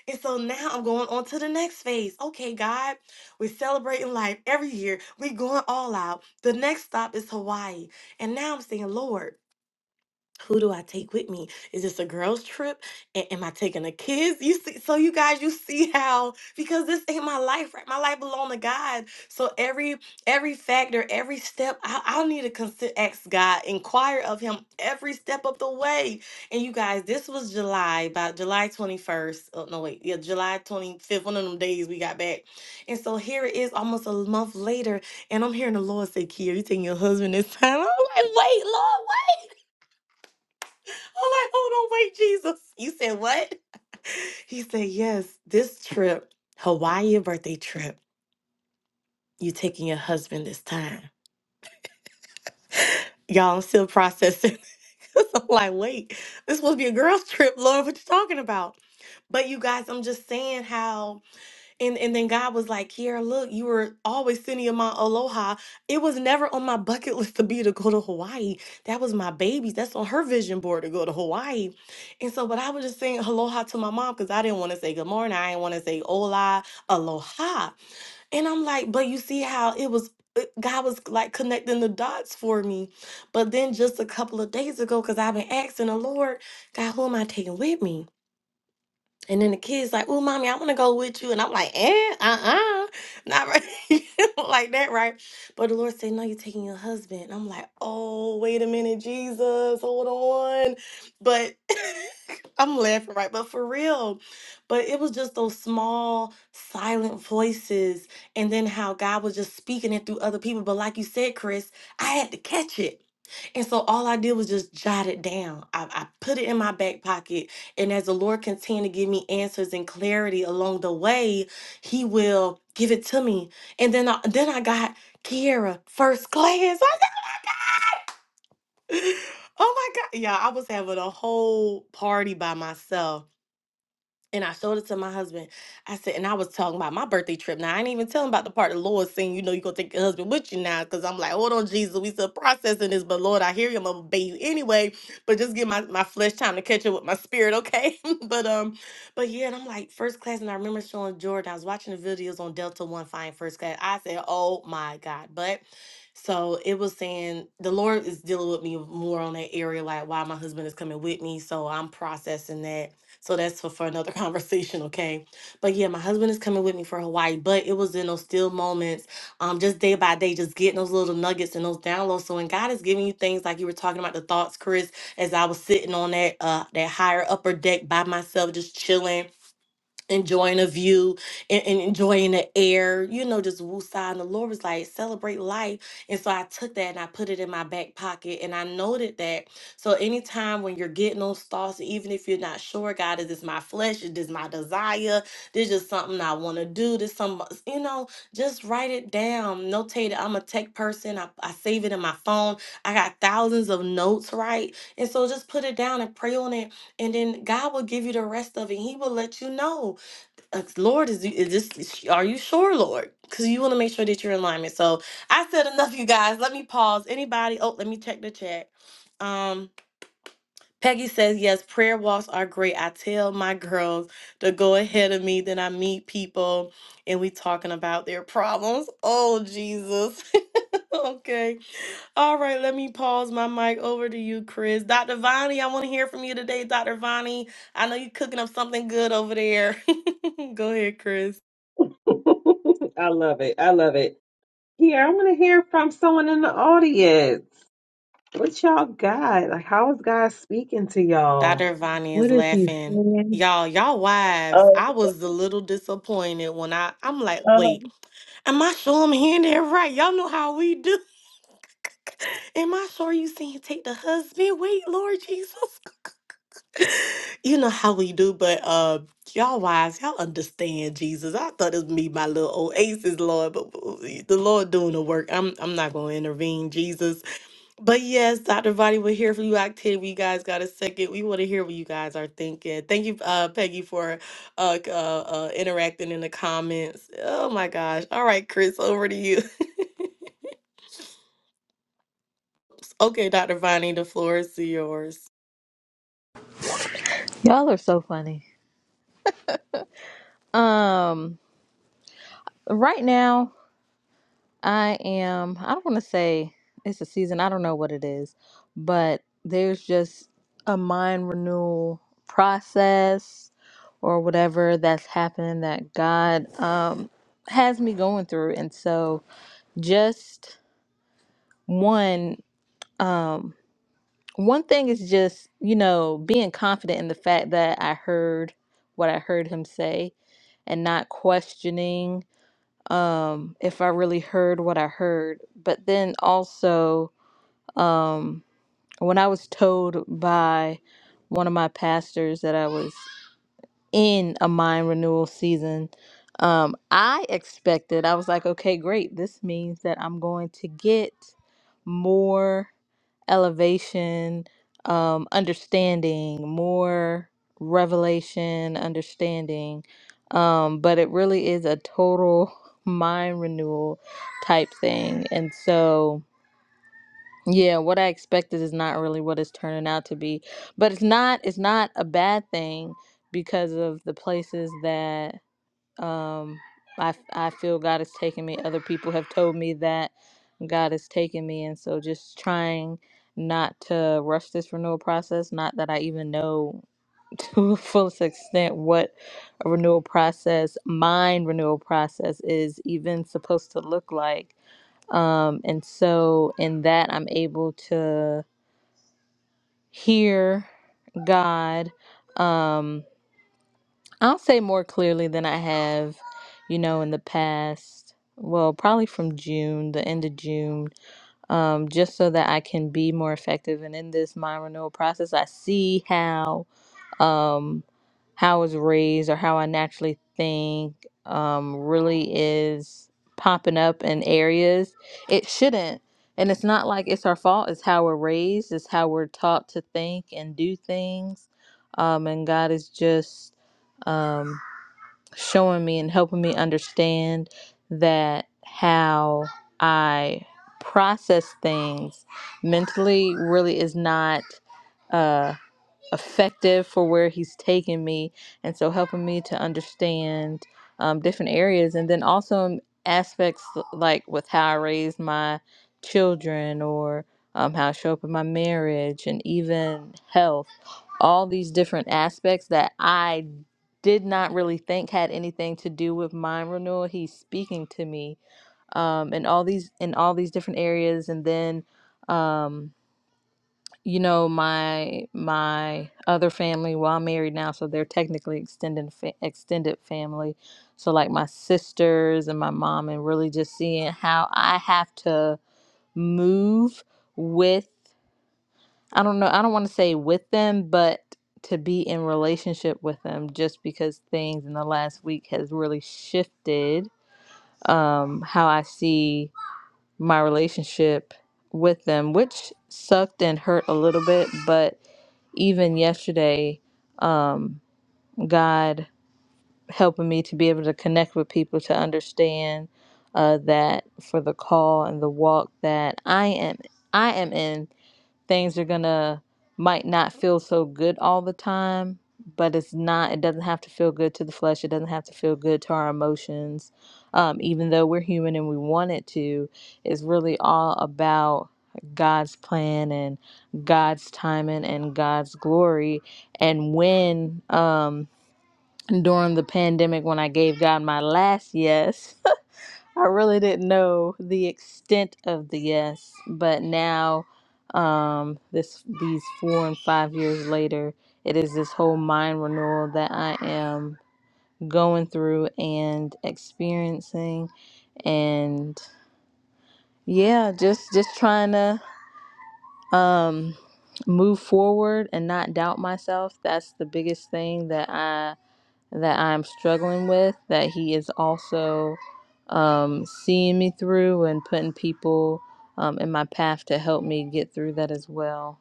Speaker 1: And so now I'm going on to the next phase. Okay, God. We're celebrating life every year. We're going all out. The next stop is Hawaii. And now I'm saying, Lord who do I take with me? Is this a girls' trip? A- am I taking the kids? You see, so you guys, you see how because this ain't my life, right? My life belong to God. So every every factor, every step, I, I'll need to consider, ask God, inquire of Him every step of the way. And you guys, this was July, about July twenty first. Oh no, wait, yeah, July twenty fifth. One of them days we got back, and so here it is, almost a month later, and I'm hearing the Lord say, "Kia, you taking your husband this time?" I'm like, "Wait, Lord, what?" I'm like, hold on, wait, Jesus. You said what? He said, yes, this trip, Hawaii birthday trip, you taking your husband this time. Y'all, I'm still processing. 'Cause I'm like, wait, this supposed to be a girls' trip, Lord, what you talking about? But you guys, I'm just saying how And and then God was like, Kiera, look, you were always sending my aloha. It was never on my bucket list to be to go to Hawaii. That was my baby's. That's on her vision board to go to Hawaii. And so, but I was just saying aloha to my mom because I didn't want to say good morning. I didn't want to say hola, aloha. And I'm like, but you see how it was it- God was like connecting the dots for me. But then just a couple of days ago, because I've been asking the Lord, God, who am I taking with me? And then the kid's like, "Oh, mommy, I want to go with you," and I'm like, "Eh, uh-uh, not right, like that, right?" But the Lord said, "No, you're taking your husband." I'm like, "Oh, wait a minute, Jesus, hold on." But I'm laughing, right? But for real, but it was just those small, silent voices, and then how God was just speaking it through other people. But like you said, Chris, I had to catch it. And so all I did was just jot it down. I, I put it in my back pocket. And as the Lord continued to give me answers and clarity along the way, He will give it to me. And then I, then I got Kiara first class. I got- oh my God. Yeah, I was having a whole party by myself and I showed it to my husband. I said, and I was talking about my birthday trip. Now I ain't even telling about the part the Lord saying, you know, you gonna take your husband with you now. Cause I'm like, hold on, Jesus, we still processing this, but Lord, I hear you, I'm gonna obey you anyway. But just give my, my flesh time to catch up with my spirit, okay? but um, but yeah, and I'm like first class, and I remember showing Jordan, I was watching the videos on Delta One Fine First Class. I said, Oh my God. But so it was saying the Lord is dealing with me more on that area, like why my husband is coming with me. So I'm processing that so that's for, for another conversation, okay? But yeah, my husband is coming with me for Hawaii, but it was in those still moments, um, just day by day, just getting those little nuggets and those downloads. So when God is giving you things like you were talking about the thoughts, Chris, as I was sitting on that uh that higher upper deck by myself, just chilling enjoying a view and, and enjoying the air, you know, just woosah. And the Lord was like, celebrate life. And so I took that and I put it in my back pocket and I noted that. So anytime when you're getting those thoughts, even if you're not sure, God, is this my flesh? Is this my desire? This is something I want to do. This some, you know, just write it down. Notate it. I'm a tech person. I, I save it in my phone. I got thousands of notes, right? And so just put it down and pray on it. And then God will give you the rest of it. He will let you know. That's- Lord, is, is this? Are you sure, Lord? Because you want to make sure that you're in alignment. So I said enough, you guys. Let me pause. Anybody? Oh, let me check the chat. Um, Peggy says yes. Prayer walks are great. I tell my girls to go ahead of me. Then I meet people, and we talking about their problems. Oh Jesus. okay. All right. Let me pause my mic over to you, Chris. Dr. Vonnie, I want to hear from you today, Dr. Vonnie. I know you're cooking up something good over there. go ahead, Chris.
Speaker 2: I love it. I love it. Here, I want to hear from someone in the audience. What y'all got? Like, how is God speaking to y'all?
Speaker 1: Dr. Vani is
Speaker 2: What is He
Speaker 1: laughing.
Speaker 2: saying?
Speaker 1: Y'all, y'all wives,
Speaker 2: Oh,
Speaker 1: I was a little disappointed when I I'm like,
Speaker 2: oh.
Speaker 1: wait, am I sure I'm hearing that right? Y'all know how we do. Am I sure you saying take the husband? Wait, Lord Jesus. you know how we do, but uh y'all wives, y'all understand Jesus. I thought it was me, my little oasis, Lord, but but the Lord doing the work. I'm I'm not gonna intervene, Jesus. But yes, Dr. Vadi, we are here for you. Octave, you guys got a second. We want to hear what you guys are thinking. Thank you, uh, Peggy, for uh, c- uh, uh, interacting in the comments. Oh my gosh. All right, Chris, over to you. okay, Dr. Vani, the floor is yours.
Speaker 3: Y'all are so funny. Um, right now I am I don't want to say it's a season, I don't know what it is, but there's just a mind renewal process or whatever that's happening that God um has me going through. And so just one um one thing is just, you know, being confident in the fact that I heard what I heard him say and not questioning um, if I really heard what I heard. But then also, um, when I was told by one of my pastors that I was in a mind renewal season, um, I expected, I was like, okay, great. This means that I'm going to get more elevation, um, understanding, more revelation, understanding. Um, but it really is a total mind renewal type thing. And so, yeah, what I expected is not really what it's turning out to be. But it's not it's not a bad thing because of the places that um, I, f- I feel God is taking me. Other people have told me that God is taking me. And so just trying not to rush this renewal process. Not that I even know to a fullest extent what a renewal process, mind renewal process, is even supposed to look like. Um, and so in that, I'm able to hear God. Um, I'll say more clearly than I have, you know, in the past. Well, probably from June, the end of June, um, just so that I can be more effective. And in this mind renewal process, I see how um, how I was raised or how I naturally think um, really is popping up in areas it shouldn't. And it's not like it's our fault. It's how we're raised. It's how we're taught to think and do things. Um, and God is just. Um, showing me and helping me understand that how I process things mentally really is not uh, effective for where he's taken me and so helping me to understand um, different areas and then also um, aspects like with how i raise my children or um, how i show up in my marriage and even health all these different aspects that i did not really think had anything to do with mind renewal he's speaking to me um, in all these in all these different areas and then um, you know my my other family well i'm married now so they're technically extended fa- extended family so like my sisters and my mom and really just seeing how i have to move with i don't know i don't want to say with them but to be in relationship with them just because things in the last week has really shifted um how i see my relationship with them, which sucked and hurt a little bit. But even yesterday, um, God helping me to be able to connect with people to understand uh, that for the call and the walk that I am, I am in things are gonna might not feel so good all the time but it's not it doesn't have to feel good to the flesh it doesn't have to feel good to our emotions um, even though we're human and we want it to it's really all about god's plan and god's timing and god's glory and when um during the pandemic when i gave god my last yes I really didn't know the extent of the yes, but now, um, this these four and five years later, it is this whole mind renewal that I am going through and experiencing, and yeah, just just trying to um move forward and not doubt myself. That's the biggest thing that I that I'm struggling with. That he is also. um, seeing me through and putting people um, in my path to help me get through that as well.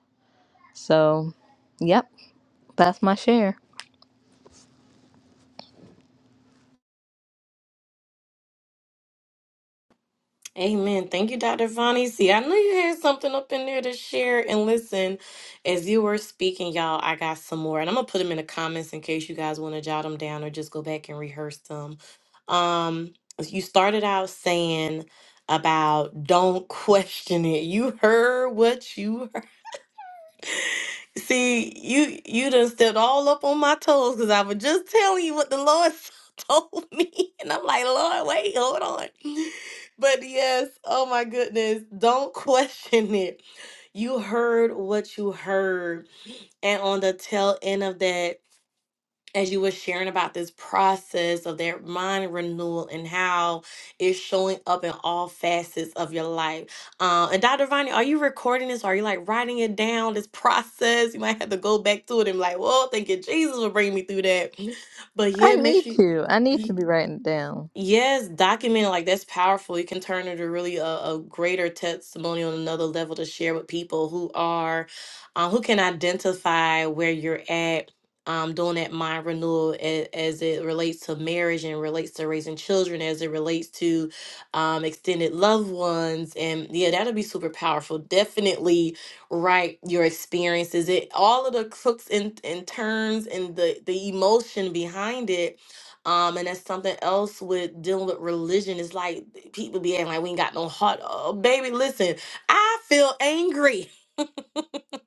Speaker 3: So, yep, that's my share.
Speaker 1: Amen. Thank you, Dr. Vonnie. See, I knew you had something up in there to share. And listen, as you were speaking, y'all, I got some more. And I'm going to put them in the comments in case you guys want to jot them down or just go back and rehearse them. Um, you started out saying about don't question it. You heard what you See, you you done stepped all up on my toes because I was just telling you what the Lord told me. And I'm like, Lord, wait, hold on. But yes, oh my goodness, don't question it. You heard what you heard. And on the tail end of that, as you were sharing about this process of that mind renewal and how it's showing up in all facets of your life. Um, and Dr. Vani, are you recording this? Are you like writing it down? This process, you might have to go back to it and be like, "Whoa, thank you, Jesus will bring me through that. But
Speaker 3: I
Speaker 1: yeah, make
Speaker 3: need
Speaker 1: sure
Speaker 3: to. I need
Speaker 1: you.
Speaker 3: to be writing it down.
Speaker 1: Yes, documenting like that's powerful. You can turn it to really a, a greater testimony on another level to share with people who are, um, who can identify where you're at, um, doing that mind renewal as, as it relates to marriage and relates to raising children, as it relates to, um, extended loved ones, and yeah, that'll be super powerful. Definitely write your experiences, it all of the crooks and, and turns and the the emotion behind it um, and that's something else with dealing with religion. It's like people be acting like we ain't got no heart. Oh, baby, listen, I feel angry.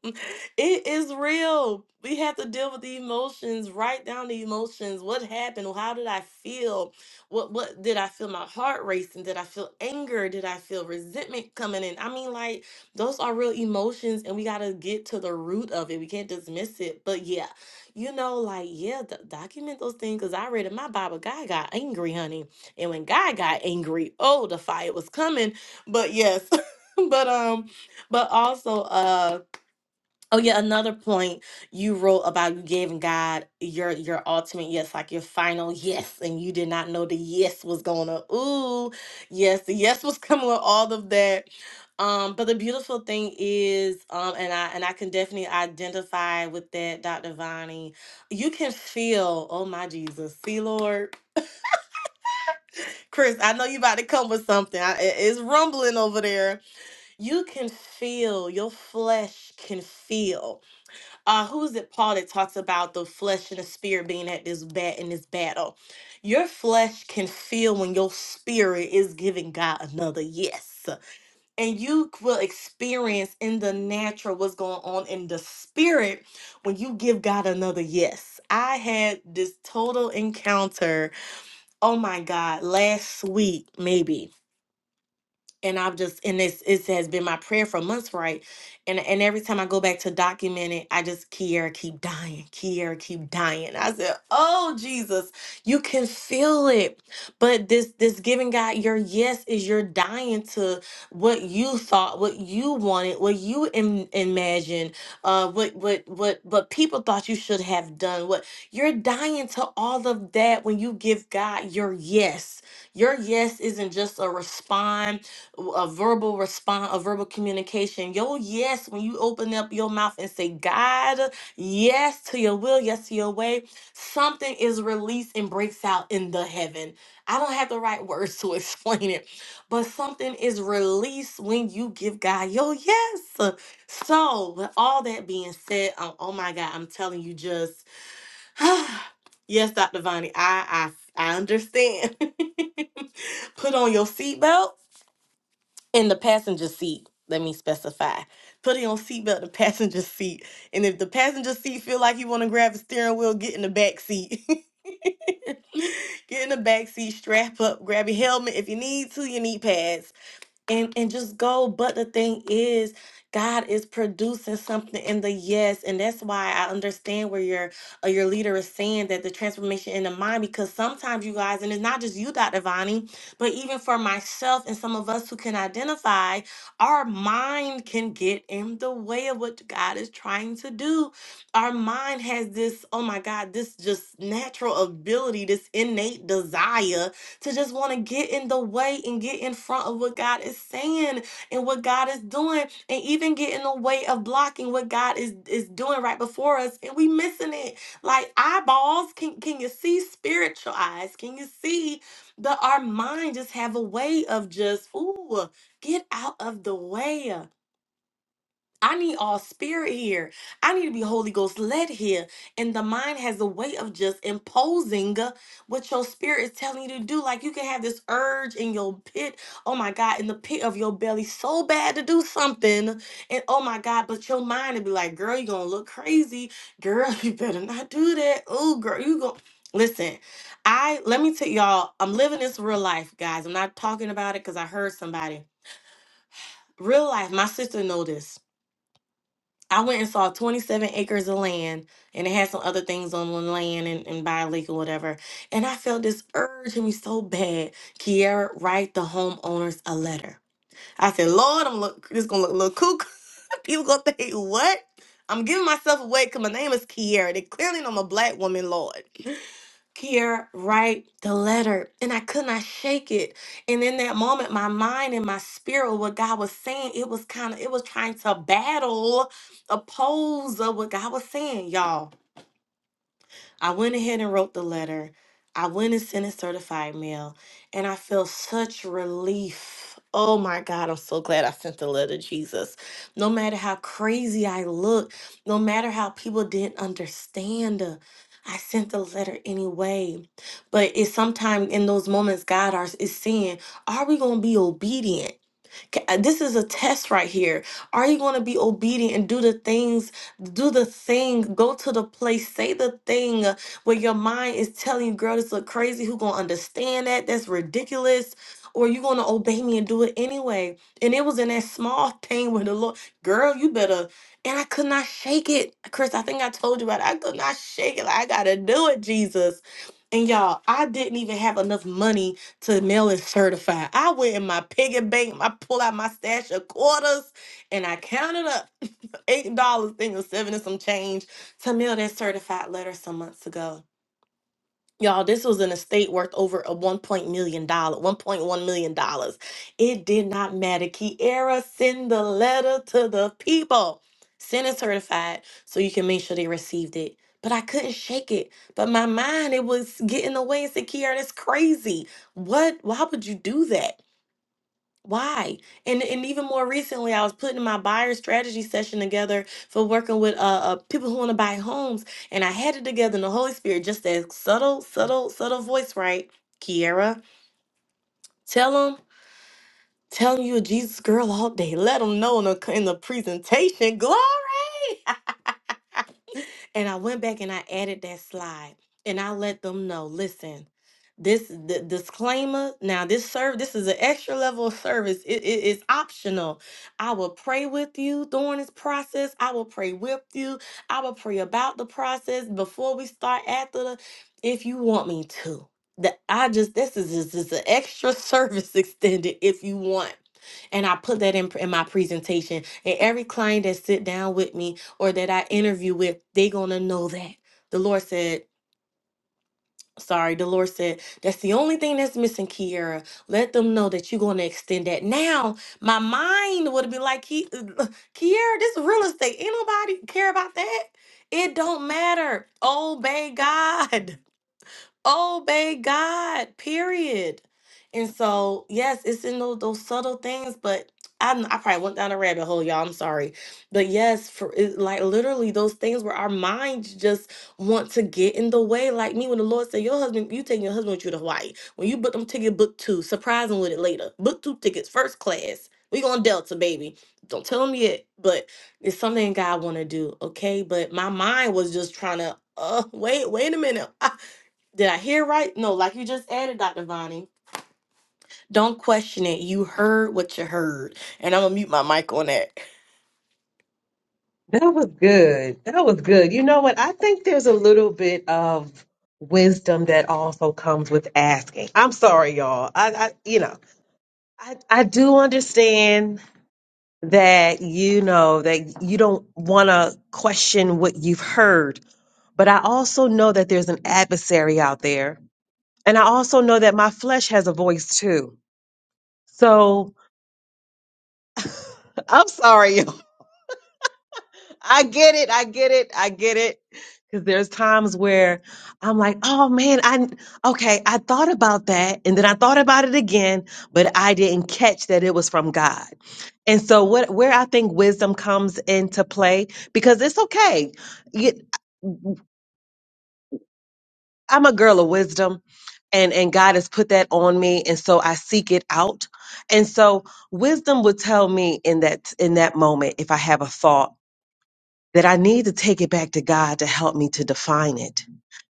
Speaker 1: it is real. We have to deal with the emotions, write down the emotions. What happened? How did I feel? What what did I feel my heart racing? Did I feel anger? Did I feel resentment coming in? I mean, like those are real emotions and we gotta get to the root of it. We can't dismiss it. But yeah, you know, like, yeah, d- document those things. Cause I read in my Bible, God got angry, honey. And when God got angry, oh, the fire was coming. But yes. but um, but also uh, Oh yeah, another point you wrote about you giving God your your ultimate yes, like your final yes, and you did not know the yes was gonna ooh yes, the yes was coming with all of that. Um, but the beautiful thing is, um, and I and I can definitely identify with that, Dr. Vonnie. You can feel, oh my Jesus, see Lord, Chris, I know you about to come with something. I, it- it's rumbling over there. You can feel your flesh can feel uh who is it paul that talks about the flesh and the spirit being at this bat in this battle your flesh can feel when your spirit is giving god another yes and you will experience in the natural what's going on in the spirit when you give god another yes i had this total encounter oh my god last week maybe and I've just and this it has been my prayer for months, right? And and every time I go back to document it, I just Kiara keep dying, Kiara keep dying. I said, Oh Jesus, you can feel it. But this this giving God your yes is your dying to what you thought, what you wanted, what you Im- imagined, uh, what what what what people thought you should have done. What you're dying to all of that when you give God your yes. Your yes isn't just a response a verbal response, a verbal communication. Yo, yes, when you open up your mouth and say, God, yes to your will, yes to your way, something is released and breaks out in the heaven. I don't have the right words to explain it, but something is released when you give God your yes. So, with all that being said, um, oh my God, I'm telling you just, yes, Dr. Vonnie, I, I, I understand. Put on your seatbelt in the passenger seat let me specify putting on seatbelt in the passenger seat and if the passenger seat feel like you want to grab the steering wheel get in the back seat get in the back seat strap up grab your helmet if you need to you need pads and and just go but the thing is god is producing something in the yes and that's why i understand where your uh, your leader is saying that the transformation in the mind because sometimes you guys and it's not just you dr Vani, but even for myself and some of us who can identify our mind can get in the way of what god is trying to do our mind has this oh my god this just natural ability this innate desire to just want to get in the way and get in front of what God is saying and what God is doing, and even get in the way of blocking what God is is doing right before us, and we missing it. Like eyeballs, can can you see spiritual eyes? Can you see that our mind just have a way of just ooh get out of the way? I need all spirit here. I need to be Holy Ghost led here. And the mind has a way of just imposing uh, what your spirit is telling you to do. Like you can have this urge in your pit, oh my God, in the pit of your belly so bad to do something. And oh my God, but your mind would be like, girl, you're going to look crazy. Girl, you better not do that. Oh, girl, you go. Listen, I let me tell y'all, I'm living this real life, guys. I'm not talking about it because I heard somebody. Real life, my sister know this. I went and saw 27 acres of land and it had some other things on the land and, and by a lake or whatever. And I felt this urge in me so bad. Kiara, write the homeowners a letter. I said, Lord, I'm look this gonna look a little kook. People gonna think, what? I'm giving myself away because my name is Kiara. They clearly know I'm a black woman, Lord. Here, write the letter. And I could not shake it. And in that moment, my mind and my spirit, what God was saying, it was kind of, it was trying to battle, oppose of what God was saying, y'all. I went ahead and wrote the letter. I went and sent it certified mail, and I feel such relief. Oh my God, I'm so glad I sent the letter, Jesus. No matter how crazy I look, no matter how people didn't understand, uh, I sent the letter anyway. But it's sometimes in those moments God are, is saying, Are we going to be obedient? Ca- uh, This is a test right here. Are you going to be obedient and do the things, do the thing, go to the place, say the thing uh, where your mind is telling you, girl, this look crazy. Who going to understand that? That's ridiculous. Or you going to obey me and do it anyway. And it was in that small thing where the Lord, girl, you better. And I could not shake it. Chris, I think I told you about it. I could not shake it. Like, I got to do it, Jesus. And y'all, I didn't even have enough money to mail it certified. I went in my piggy bank, I pulled out my stash of quarters, and I counted up eight dollars, thing or seven and some change to mail that certified letter some months ago. Y'all, this was an estate worth over a one point million dollar, one point one million dollars. It did not matter. Kiara send the letter to the people. Send it certified so you can make sure they received it. But I couldn't shake it. But my mind, it was getting away and said, Kiara, that's crazy. What? Why would you do that? Why? And and even more recently, I was putting my buyer strategy session together for working with uh, uh people who want to buy homes, and I had it together in the Holy Spirit, just that subtle, subtle, subtle voice, right? Kiera, tell them, tell them you a Jesus girl all day. Let them know in the in the presentation, glory. And I went back and I added that slide and I let them know, listen, this the disclaimer. Now this serve this is an extra level of service. It is optional. I will pray with you during this process. I will pray with you. I will pray about the process before we start after the if you want me to. That I just this is just is an extra service extended if you want. And I put that in, in my presentation. And every client that sit down with me, or that I interview with, they gonna know that. The Lord said, sorry, the Lord said, that's the only thing that's missing, Kiera. Let them know that you're gonna extend that. Now, my mind would be like, "Ki- Kiera, this is real estate, ain't nobody care about that. It don't matter. Obey God. obey God, period. And so, yes, it's in those, those subtle things, but I, I probably went down a rabbit hole, y'all. I'm sorry. But yes, for it, like literally those things where our minds just want to get in the way. Like me, when the Lord said, Your husband, you taking your husband with you to Hawaii. When you book them ticket, book two. Surprise him with it later. Book two tickets, first class. We going Delta, baby. Don't tell him yet, but it's something God want to do, okay? But my mind was just trying to, uh, wait, wait a minute. Did I hear right? No, like you just added, Dr. Vonnie. Don't question it. You heard what you heard. And I'm going to mute my mic on that.
Speaker 2: That was good. That was good. You know what? I think there's a little bit of wisdom that also comes with asking. I'm sorry, y'all. I, I you know, I, I do understand that you know that you don't want to question what you've heard, but I also know that there's an adversary out there, and I also know that my flesh has a voice too. So I'm sorry, yo. I get it. I get it. I get it. Because there's times where I'm like, oh man, I okay, I thought about that, and then I thought about it again, but I didn't catch that it was from God. And so, what where I think wisdom comes into play, because it's okay. You- I'm a girl of wisdom, and and God has put that on me, and so I seek it out. And so, wisdom would tell me in that in that moment if I have a thought that I need to take it back to God to help me to define it.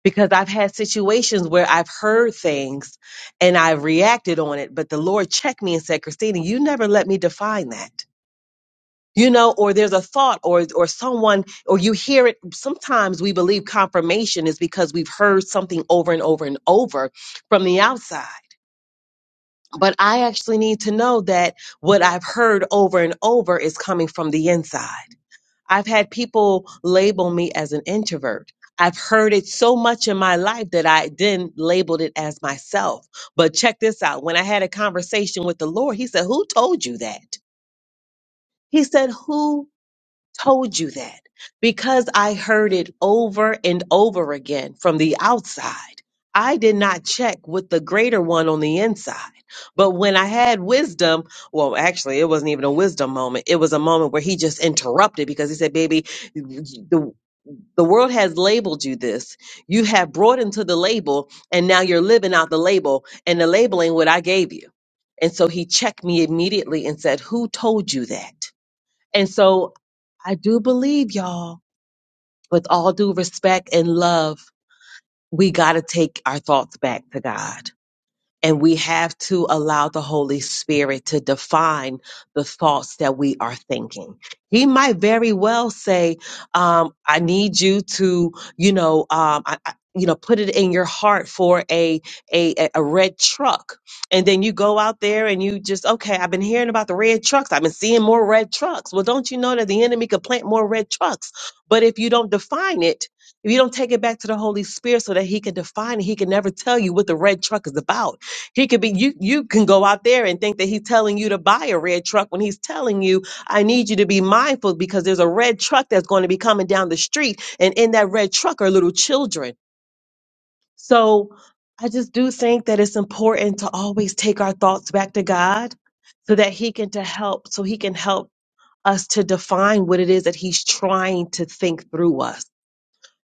Speaker 2: Because I've had situations where I've heard things and I've reacted on it, but the Lord checked me and said, Christina, you never let me define that. You know, or there's a thought or or someone or you hear it. Sometimes we believe confirmation is because we've heard something over and over and over from the outside. But I actually need to know that what I've heard over and over is coming from the inside I've had people label me as an introvert. I've heard it so much in my life that I then labeled it as myself. But check this out. When I had a conversation with the Lord, He said, Who told you that? He said, Who told you that because I heard it over and over again from the outside. I did not check with the greater one on the inside. But when I had wisdom, well, actually, it wasn't even a wisdom moment. It was a moment where he just interrupted because he said, Baby, the, the world has labeled you this. You have brought into the label, and now you're living out the label, and the label ain't what I gave you. And so he checked me immediately and said, Who told you that? And so I do believe, y'all, with all due respect and love, we got to take our thoughts back to God. And we have to allow the Holy Spirit to define the thoughts that we are thinking. He might very well say, um, I need you to, you know, um, I, I, you know, put it in your heart for a, a a a red truck, and then you go out there and you just okay. I've been hearing about the red trucks. I've been seeing more red trucks. Well, don't you know that the enemy could plant more red trucks? But if you don't define it, if you don't take it back to the Holy Spirit so that He can define it, He can never tell you what the red truck is about he could be you you can go out there and think that he's telling you to buy a red truck when he's telling you I need you to be mindful because there's a red truck that's going to be coming down the street and in that red truck are little children. So I just do think that it's important to always take our thoughts back to God so that he can to help so he can help us to define what it is that he's trying to think through us.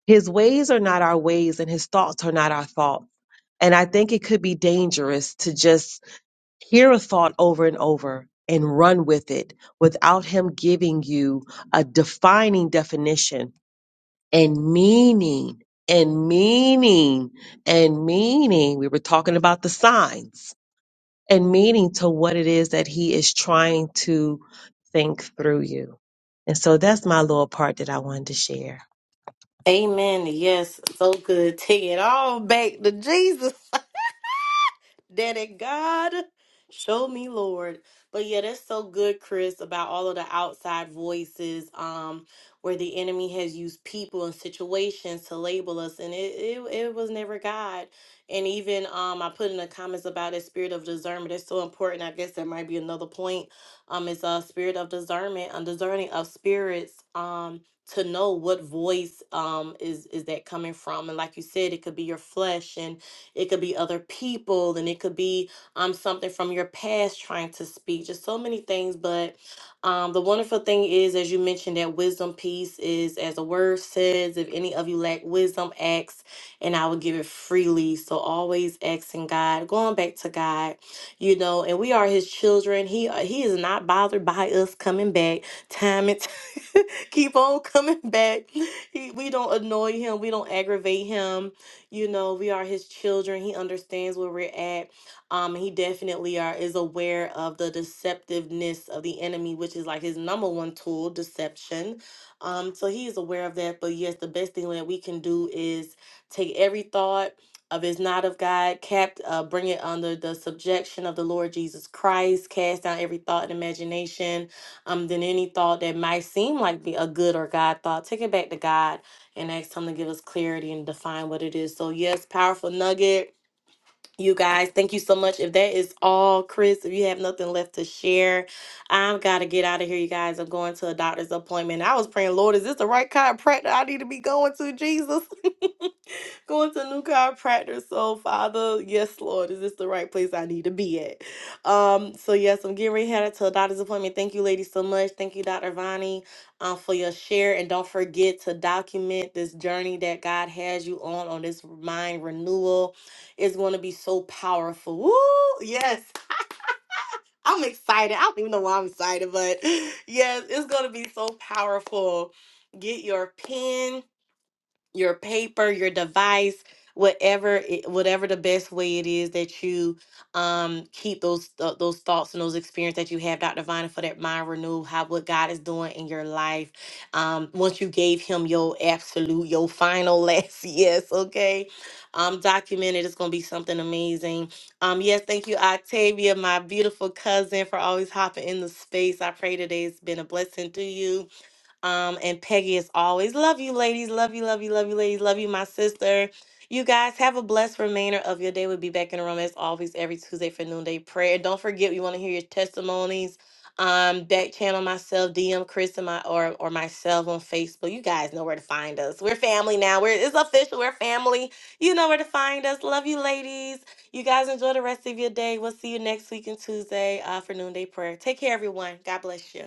Speaker 2: His ways are not our ways and his thoughts are not our thoughts. And I think it could be dangerous to just Hear a thought over and over and run with it without Him giving you a defining definition and meaning and meaning and meaning. We were talking about the signs and meaning to what it is that he is trying to think through you. And so that's my little part that I wanted to share.
Speaker 1: Amen. Yes, so good. Take it all back to Jesus. Daddy God, show me, Lord. But yeah, that's so good, Chris, about all of the outside voices, um, where the enemy has used people and situations to label us, and it it, it was never God. And even um, I put in the comments about that spirit of discernment. That's so important. I guess that might be another point. Um, it's a spirit of discernment, a discerning of spirits. Um, to know what voice um is is that coming from, and like you said, it could be your flesh and it could be other people, and it could be um something from your past trying to speak. Just so many things. But um, the wonderful thing is, as you mentioned, that wisdom piece is as the word says, if any of you lack wisdom, ask, and I will give it freely. So always asking God, going back to God, you know, and we are His children. He uh, He is not bothered by us coming back time and keep on coming back. He, we don't annoy him. We don't aggravate him. You know, we are his children. He understands where we're at. Um, he definitely are is aware of the deceptiveness of the enemy, which is like his number one tool, deception. Um, so he is aware of that. But yes, the best thing that we can do is take every thought of is not of God, capt, uh, bring it under the subjection of the Lord Jesus Christ, cast down every thought and imagination um, than any thought that might seem like be a good or God thought. Take it back to God and ask Him to give us clarity and define what it is. So, yes, powerful nugget. You guys, thank you so much. If that is all, Chris, if you have nothing left to share, I've got to get out of here, you guys. I'm going to a doctor's appointment. I was praying, Lord, is this the right chiropractor I need to be going to, Jesus? Going to new chiropractor. So, Father, yes, Lord, is this the right place I need to be at? Um, so yes, I'm getting ready headed to a doctor's appointment. Thank you, ladies, so much. Thank you, Dr. Vani, um, for your share. And don't forget to document this journey that God has you on on this mind renewal. It's gonna be so powerful. Woo! Yes, I'm excited. I don't even know why I'm excited, but yes, it's gonna be so powerful. Get your pen your paper, your device, whatever it, whatever the best way it is that you um keep those th- those thoughts and those experiences that you have, Dr. Vine, for that mind renewal, how what God is doing in your life. Um, once you gave him your absolute, your final last yes, okay. Um, documented it's gonna be something amazing. Um, yes, thank you, Octavia, my beautiful cousin, for always hopping in the space. I pray today's been a blessing to you. Um, and Peggy is always love you, ladies. Love you, love you, love you, ladies. Love you, my sister. You guys have a blessed remainder of your day. We'll be back in the room as always every Tuesday for noonday prayer. Don't forget, we want to hear your testimonies. Um, back channel myself, DM Chris and my or or myself on Facebook. You guys know where to find us. We're family now. We're it's official. We're family. You know where to find us. Love you, ladies. You guys enjoy the rest of your day. We'll see you next week and Tuesday uh, for noonday prayer. Take care, everyone. God bless you.